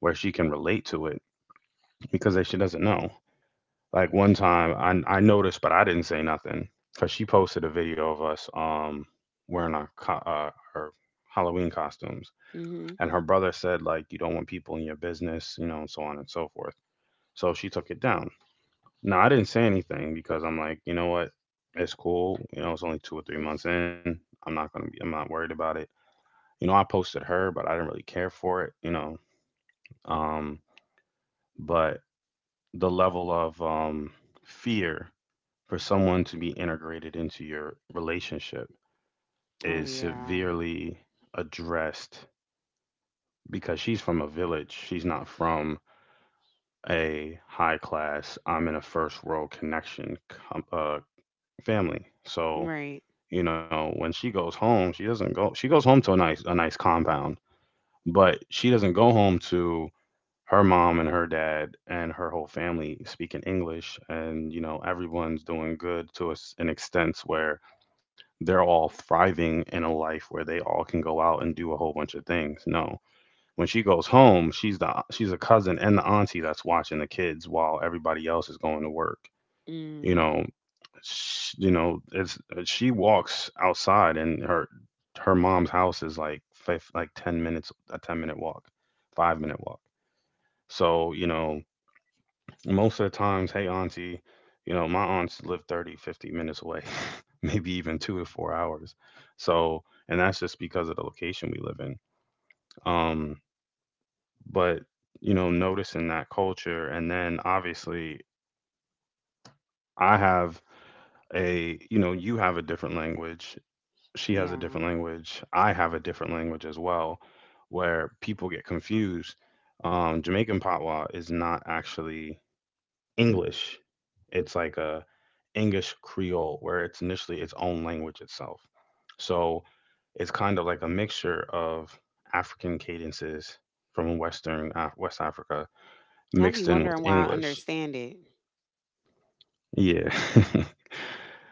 Speaker 1: where she can relate to it because that she doesn't know. Like one time I noticed, but I didn't say nothing because she posted a video of us wearing our, our Halloween costumes.
Speaker 2: Mhm.
Speaker 1: And her brother said, like, you don't want people in your business, you know, and so on and so forth. So she took it down. No, I didn't say anything because I'm like, you know what? It's cool. You know, it's only 2 or 3 months in. I'm not worried about it. You know, I posted her, but I didn't really care for it, you know. Um, but the level of fear for someone to be integrated into your relationship
Speaker 2: Oh
Speaker 1: is
Speaker 2: yeah.
Speaker 1: severely addressed because she's from a village. She's not from a high class, I'm in a first world connection com- uh, family. So,
Speaker 2: Right.
Speaker 1: you know, when she goes home, she doesn't go she goes home to a nice compound, but she doesn't go home to her mom and her dad and her whole family speaking English, and, you know, everyone's doing good to a s an extent where they're all thriving in a life where they all can go out and do a whole bunch of things. No, when she goes home, she's a cousin and the auntie that's watching the kids while everybody else is going to work, you
Speaker 2: Mm.
Speaker 1: know. Sh You know, it's she walks outside, and her, her mom's house is like 10 minutes, a 10-minute walk, 5-minute walk. So, you know, most of the times, hey, auntie, you know, my aunts live 30, 50 minutes away, maybe even 2 or 4 hours. So, and that's just because of the location we live in. Um, but, you know, noticing that culture, and then obviously I have a, you know, you have a different language, she has a
Speaker 2: Yeah.
Speaker 1: different language. I have a different language as well, where people get confused. Jamaican Patois is not actually English. It's like a English Creole, where it's initially its own language itself. So it's kind of like a mixture of African cadences from West Africa
Speaker 2: I be
Speaker 1: mixed in with
Speaker 2: wondering why I
Speaker 1: English.
Speaker 2: understand it.
Speaker 1: Yeah.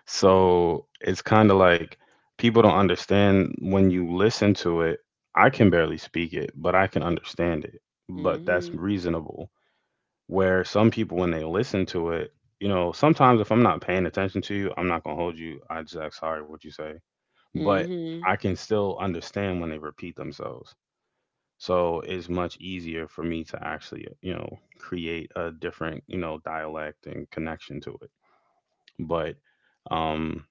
Speaker 1: So it's kind of like people don't understand when you listen to it. I can barely speak it, but I can understand it. But that's
Speaker 2: Mhm.
Speaker 1: reasonable. Where some people, when they listen to it, you know, sometimes if I'm not paying attention to you, I'm not going to hold you. I just act sorry what you say. But
Speaker 2: Mhm.
Speaker 1: I can still understand when they repeat themselves. So it's much easier for me to actually, you know, create a different, you know, dialect and connection to it. But, um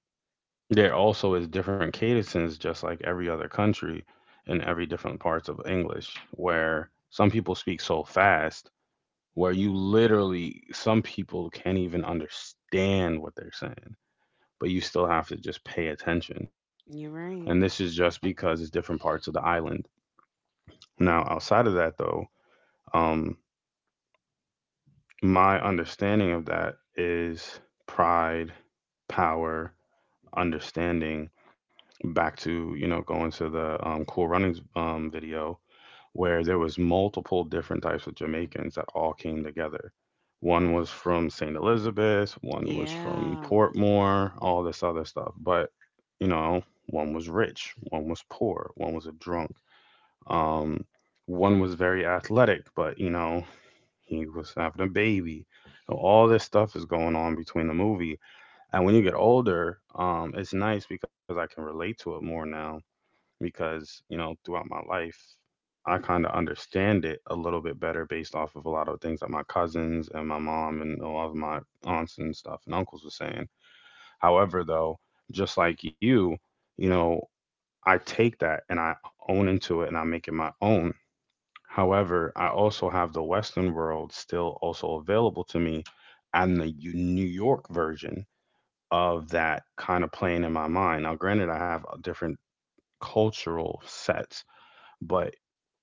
Speaker 1: there also is different cadences, just like every other country, in every different parts of English, where some people speak so fast where you literally some people can't even understand what they're saying, but you still have to just pay attention.
Speaker 2: You're
Speaker 1: And this
Speaker 2: right.
Speaker 1: is just because it's different parts of the island. Now, outside of that, though, um my understanding of that is pride, power, understanding, back to, you know, going to the, Cool Runnings, video, where there was multiple different types of Jamaicans that all came together. One was from St. Elizabeth, one was from
Speaker 2: Yeah.
Speaker 1: Portmore, all this other stuff, but, you know, one was rich, one was poor, one was a drunk, um, one was very athletic, but, you know, he was having a baby. So all this stuff is going on between the movie. And when you get older, it's nice because I can relate to it more now, because, you know, throughout my life, I kind of understand it a little bit better based off of a lot of things that my cousins and my mom and a lot of my aunts and stuff and uncles were saying. However, though, just like you know, I take that and I own into it and I make it my own. However, I also have the Western world still also available to me. And the New York version of that kind of playing in my mind. Now, granted, I have different cultural sets, but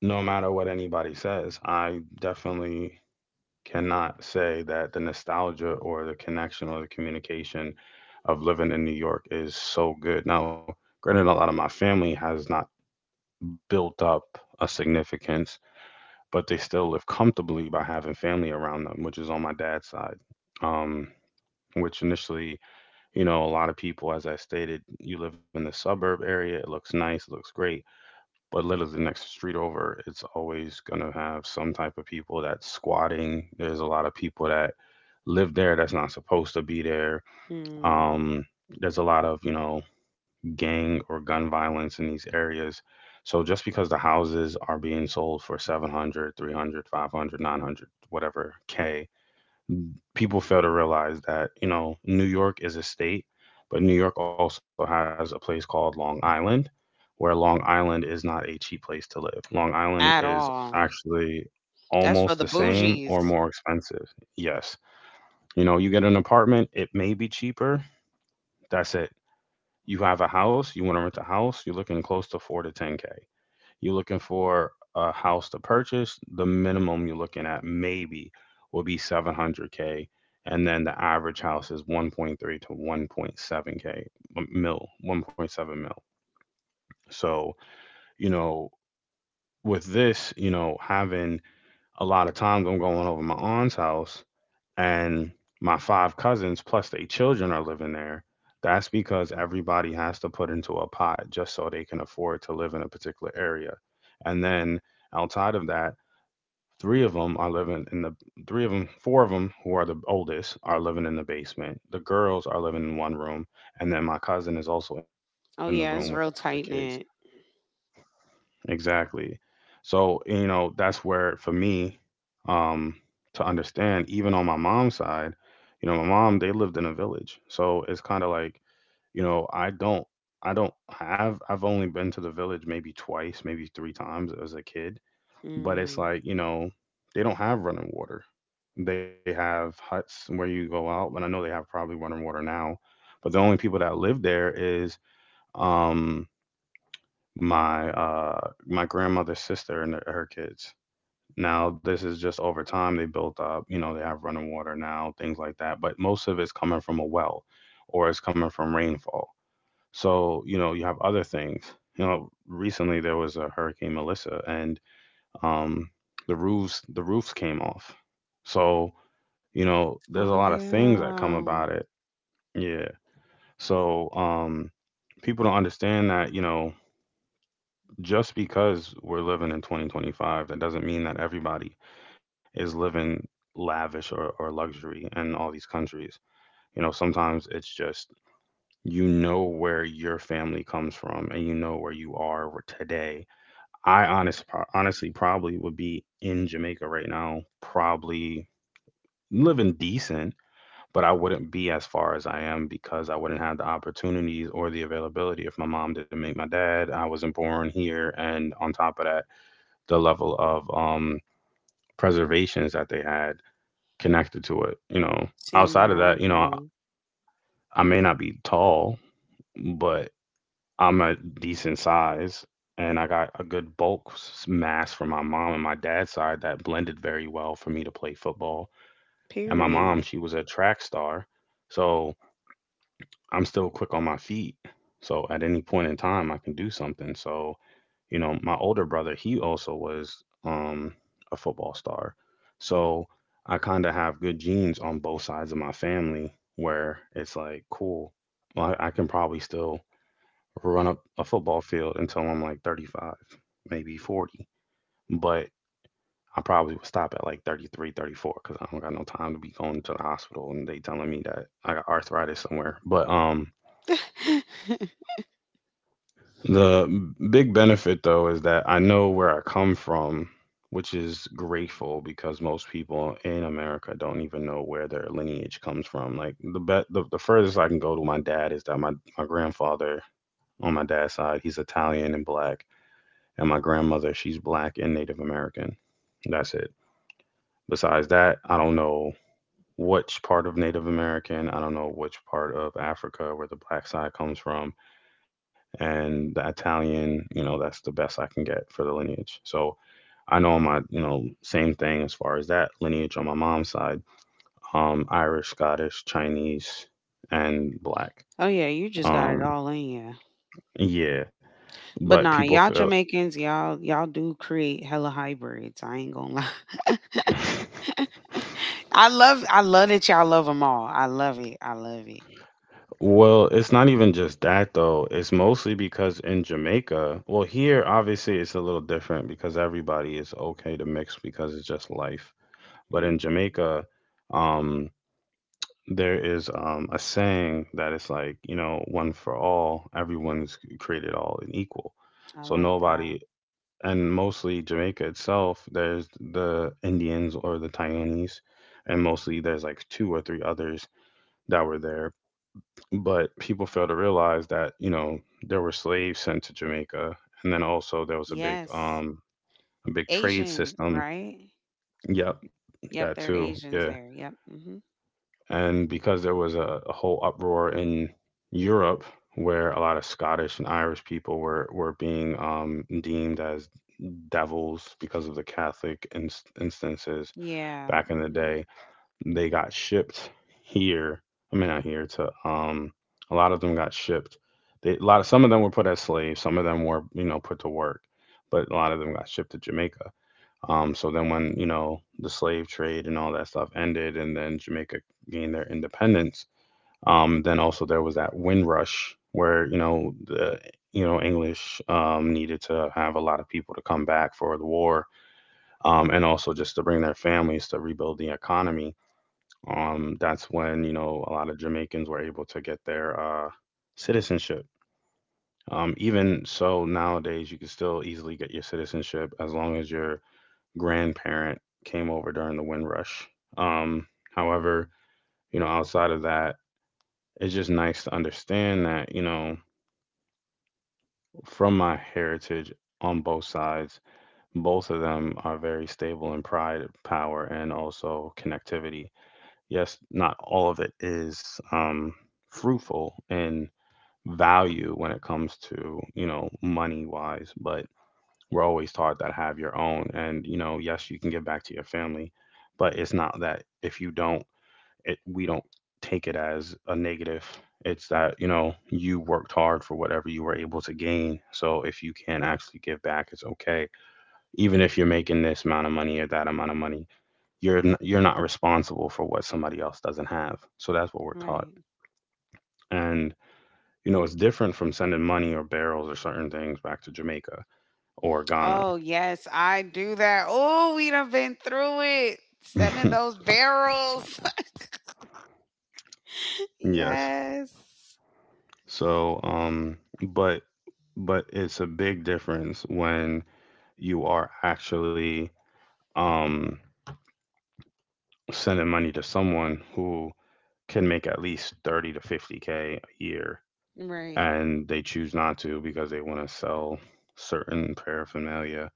Speaker 1: no matter what anybody says, I definitely cannot say that the nostalgia or the connection or the communication of living in New York is so good. Now, granted, a lot of my family has not built up a significance, but they still live comfortably by having family around them, which is on my dad's side. Um, which initially, you know, a lot of people, as I stated, you live in the suburb area, it looks nice, it looks great, but literally the next street over, it's always going to have some type of people that's squatting. There's a lot of people that live there that's not supposed to be there.
Speaker 2: Mm.
Speaker 1: Um, there's a lot of, you know, gang or gun violence in these areas. So just because the houses are being sold for 700, 300, 500, 900, whatever K, people fail to realize that you know New York is a state, but New York also has a place called Long Island, where Long Island is not a cheap place to live. Long Island
Speaker 2: At
Speaker 1: is
Speaker 2: all.
Speaker 1: actually
Speaker 2: That's for
Speaker 1: almost
Speaker 2: the
Speaker 1: the same or
Speaker 2: bougies.
Speaker 1: more expensive. Yes, you know, you get an apartment, it may be cheaper. That's it. You have a house, you want to rent a house, you're looking close to 4 to 10K. You're looking for a house to purchase. The minimum you're looking at maybe will be 700k, and then the average house is 1.3 to 1.7k k mil, 1.7 mil. So you know, with this, you know, having a lot of times I'm going over my aunt's house and my 5 cousins plus their children are living there, that's because everybody has to put into a pot just so they can afford to live in a particular area. And then outside of that, three of them are living in the three of them, four of them who are the oldest are living in the basement. The girls are living in one room, and then my cousin is also in the room with
Speaker 2: Oh
Speaker 1: the
Speaker 2: yeah,
Speaker 1: other
Speaker 2: it's real
Speaker 1: kids.
Speaker 2: tight knit.
Speaker 1: Exactly. So, you know, that's where for me, um, to understand, even on my mom's side, you know, my mom, they lived in a village. So it's kind of like, you know, I don't have, I've only been to the village maybe twice, maybe 3 times as a kid. But it's
Speaker 2: Mm.
Speaker 1: like, you know, they don't have running water. They have huts where you go out, and I know they have probably running water now. But the only people that live there is, um, my my grandmother's sister and her kids. Now this is just over time they built up, you know, they have running water now, things like that, but most of it's coming from a well or it's coming from rainfall. So, you know, you have other things. You know, recently there was a hurricane Melissa, and um the roofs came off. So, you know, there's a
Speaker 2: Oh
Speaker 1: lot of things that come
Speaker 2: yeah.
Speaker 1: about it. Yeah. So, people don't understand that, you know, just because we're living in 2025, that doesn't mean that everybody is living lavish or luxury in all these countries. You know, sometimes it's just you know where your family comes from and you know where you are today. I honest, honestly probably would be in Jamaica right now, probably living decent, but I wouldn't be as far as I am because I wouldn't have the opportunities or the availability if my mom didn't make my dad. I wasn't born here. And on top of that, the level of preservations that they had connected to it. You know,
Speaker 2: Same
Speaker 1: outside
Speaker 2: here.
Speaker 1: of
Speaker 2: I
Speaker 1: that, you know,
Speaker 2: agree.
Speaker 1: I may not be tall, but I'm a decent size and I got a good mass from my mom and my dad's side that blended very well for me to play football. And my mom,
Speaker 2: Period.
Speaker 1: she was a track star. So I'm still quick on my feet. So at any point in time, I can do something. So you know, my older brother, he also was um, a football star. So I kind of have good genes on both sides of my family where it's like, cool, well, I can probably still run up a football field until I'm like 35, maybe 40. But I probably would stop at like 33, 34 because I don't got no time to be going to the hospital and they telling me that I got arthritis somewhere. But The big benefit, though, is that I know where I come from, which is grateful because most people in America don't even know where their lineage comes from. Like the furthest I can go to my dad is that my grandfather on my dad's side, he's Italian and black, and my grandmother, she's black and Native American. That's it. Besides that, I don't know which part of Native American, I don't know which part of Africa where the black side comes from, and the Italian, you know, that's the best I can get for the lineage. So I know my, you know, same thing as far as that lineage on my mom's side, Irish, Scottish, Chinese, and black.
Speaker 2: Oh yeah, you just got it
Speaker 1: Um,
Speaker 2: all in you.
Speaker 1: yeah,
Speaker 2: But
Speaker 1: but
Speaker 2: nah,
Speaker 1: people
Speaker 2: y'all
Speaker 1: feel.
Speaker 2: Jamaicans, y'all do create hella hybrids. I ain't gonna lie. I love that y'all love them all. I love it. I love it.
Speaker 1: Well, it's not even just that though. It's mostly because in Jamaica, well, here obviously it's a little different because everybody is okay to mix because it's just life. But in
Speaker 2: Hmm.
Speaker 1: Jamaica, um, there is a saying that it's like you know one for all, everyone's created all and equal,
Speaker 2: I
Speaker 1: so
Speaker 2: like that.
Speaker 1: nobody, and mostly Jamaica itself, there's the Indians or the Taiwanese, and mostly there's like 2 or 3 others that were there, but people fail to realize that you know there were slaves sent to Jamaica, and then also there was
Speaker 2: Yes,
Speaker 1: a big trade
Speaker 2: Asian,
Speaker 1: system.
Speaker 2: right?
Speaker 1: Yep,
Speaker 2: Yep,
Speaker 1: that
Speaker 2: they're
Speaker 1: too,
Speaker 2: Asians
Speaker 1: yeah.
Speaker 2: there. Yep. Hmm.
Speaker 1: And because there was a whole uproar in Europe where a lot of Scottish and Irish people were being deemed as devils because of the Catholic instances
Speaker 2: Yeah.
Speaker 1: back in the
Speaker 2: Hmm.
Speaker 1: day, they got shipped here. I mean, not here to a lot of them got shipped. A lot of some of them were put as slaves, some of them were you know put to work, but a lot of them got shipped to Jamaica. So then when, you know, the slave trade and all that stuff ended and then Jamaica gained their independence, then also there was that Windrush where, you know, the you know, English needed to have a lot of people to come back for the war, and also just to bring their families to rebuild the economy. That's when you know a lot of Jamaicans were able to get their citizenship. Even so, nowadays you can still easily get your citizenship as long as you're grandparent came over during the Windrush. Um, however, you know, outside of that, it's just nice to understand that, you know, from my heritage on both sides, both of them are very stable in pride, power, and also connectivity. Yes, not all of it is fruitful in value when it comes to, you know, money wise, but we're always taught that have your own and you know yes you can give back to your family, but it's not that if you don't it we don't take it as a negative. It's that you know you worked hard for whatever you were able to gain, so if you can't actually give back it's okay. Even if you're making this amount of money or that amount of money, you're not responsible for what somebody else doesn't have, so that's what we're taught.
Speaker 2: Right.
Speaker 1: And you know it's different from sending money or barrels or certain things back to Jamaica or Ghana.
Speaker 2: Oh, yes, I do that. Oh, we done been through it. Sending those barrels.
Speaker 1: yes.
Speaker 2: Yes.
Speaker 1: So, but but it's a big difference when you are actually um sending money to someone who can make at least 30 to 50k a year
Speaker 2: Right,
Speaker 1: and they choose not to because they want to sell certain paraphernalia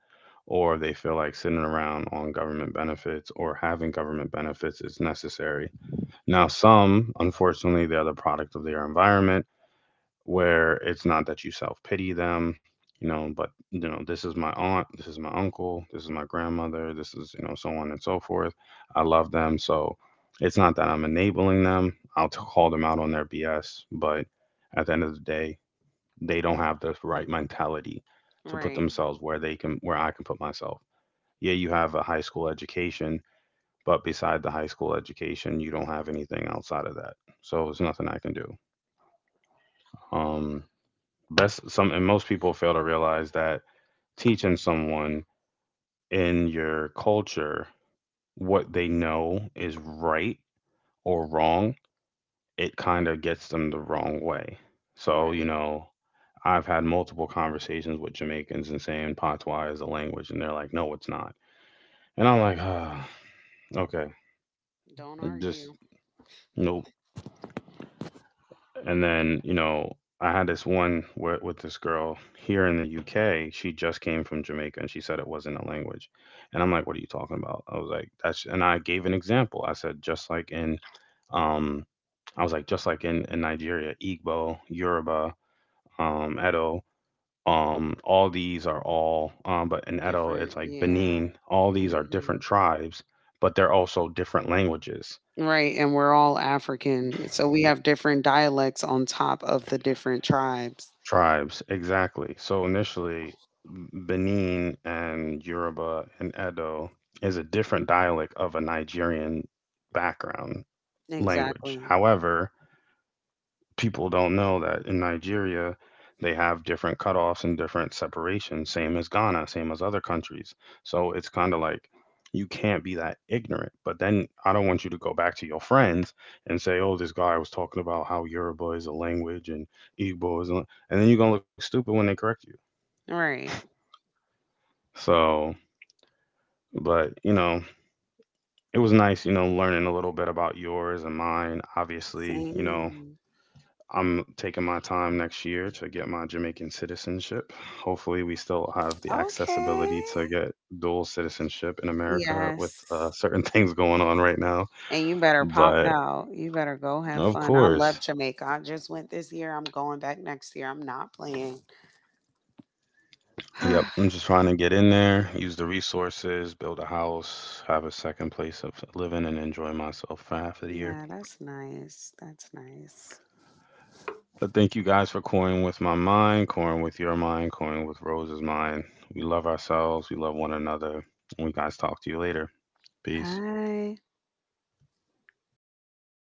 Speaker 1: or they feel like sitting around on government benefits or having government benefits is necessary. Now, some, unfortunately, they're the product of their environment where it's not that you self pity them, you know, but you know, this is my aunt, this is my uncle, this is my grandmother, this is, you know, so on and so forth. I love them. So it's not that I'm enabling them. I'll call them out on their BS, but at the end of the day, they don't have the right mentality to put
Speaker 2: right,
Speaker 1: themselves where they can, where I can put myself. Yeah, you have a high school education, but beside the high school education, you don't have anything outside of that. So there's nothing I can do. Um Best. Some and most people fail to realize that teaching someone in your culture what they know is right or wrong, it kind of gets them the wrong way. So you
Speaker 2: right.
Speaker 1: know I've had multiple conversations with Jamaicans and saying patois is a language and they're like no it's not, and I'm like okay,
Speaker 2: Don't
Speaker 1: just
Speaker 2: argue.
Speaker 1: nope. And then, you know, I had this one with this girl here in the UK. She just came from Jamaica and she said it wasn't a language. And I'm like, what are you talking about? I was like, that's, and I gave an example. I said, um, I was like, just like in Nigeria, Igbo, Yoruba, Edo, all these are all, but in Edo,
Speaker 2: Different,
Speaker 1: it's like
Speaker 2: yeah.
Speaker 1: Benin, all these are
Speaker 2: Hmm.
Speaker 1: different tribes, but they're also different languages.
Speaker 2: Right, and we're all African, so we have different dialects on top of the different tribes.
Speaker 1: Tribes, exactly. So initially, Benin and Yoruba and Edo is a different dialect of a Nigerian background language.
Speaker 2: Exactly.
Speaker 1: However, people don't know that in Nigeria, they have different cutoffs and different separations, same as Ghana, same as other countries. So it's kind of like you can't be that ignorant. But then I don't want you to go back to your friends and say, oh, this guy was talking about how Yoruba is a language and Igbo is, a... and then you're going to look stupid when they correct you.
Speaker 2: Right.
Speaker 1: So, but you know, it was nice, you know, learning a little bit about yours and mine. Obviously, you know,
Speaker 2: Same.
Speaker 1: I'm taking my time next year to get my Jamaican citizenship. Hopefully, we still have the
Speaker 2: Okay.
Speaker 1: accessibility to get dual citizenship in America with
Speaker 2: Yes.
Speaker 1: certain things going on right now.
Speaker 2: And you better pop
Speaker 1: But
Speaker 2: out. You better go have
Speaker 1: of
Speaker 2: fun. I
Speaker 1: course,
Speaker 2: love Jamaica. I just went this year. I'm going back next year. I'm not playing.
Speaker 1: yep, I'm just trying to get in there, use the resources, build a house, have a second place of living, and enjoy myself for half of the year.
Speaker 2: Yeah, that's nice. That's nice.
Speaker 1: So, thank you guys for coring with my mind, coring with your mind, coring with Rose's mind. We love ourselves, we love one another. We guys talk to you later. Peace.
Speaker 2: Bye.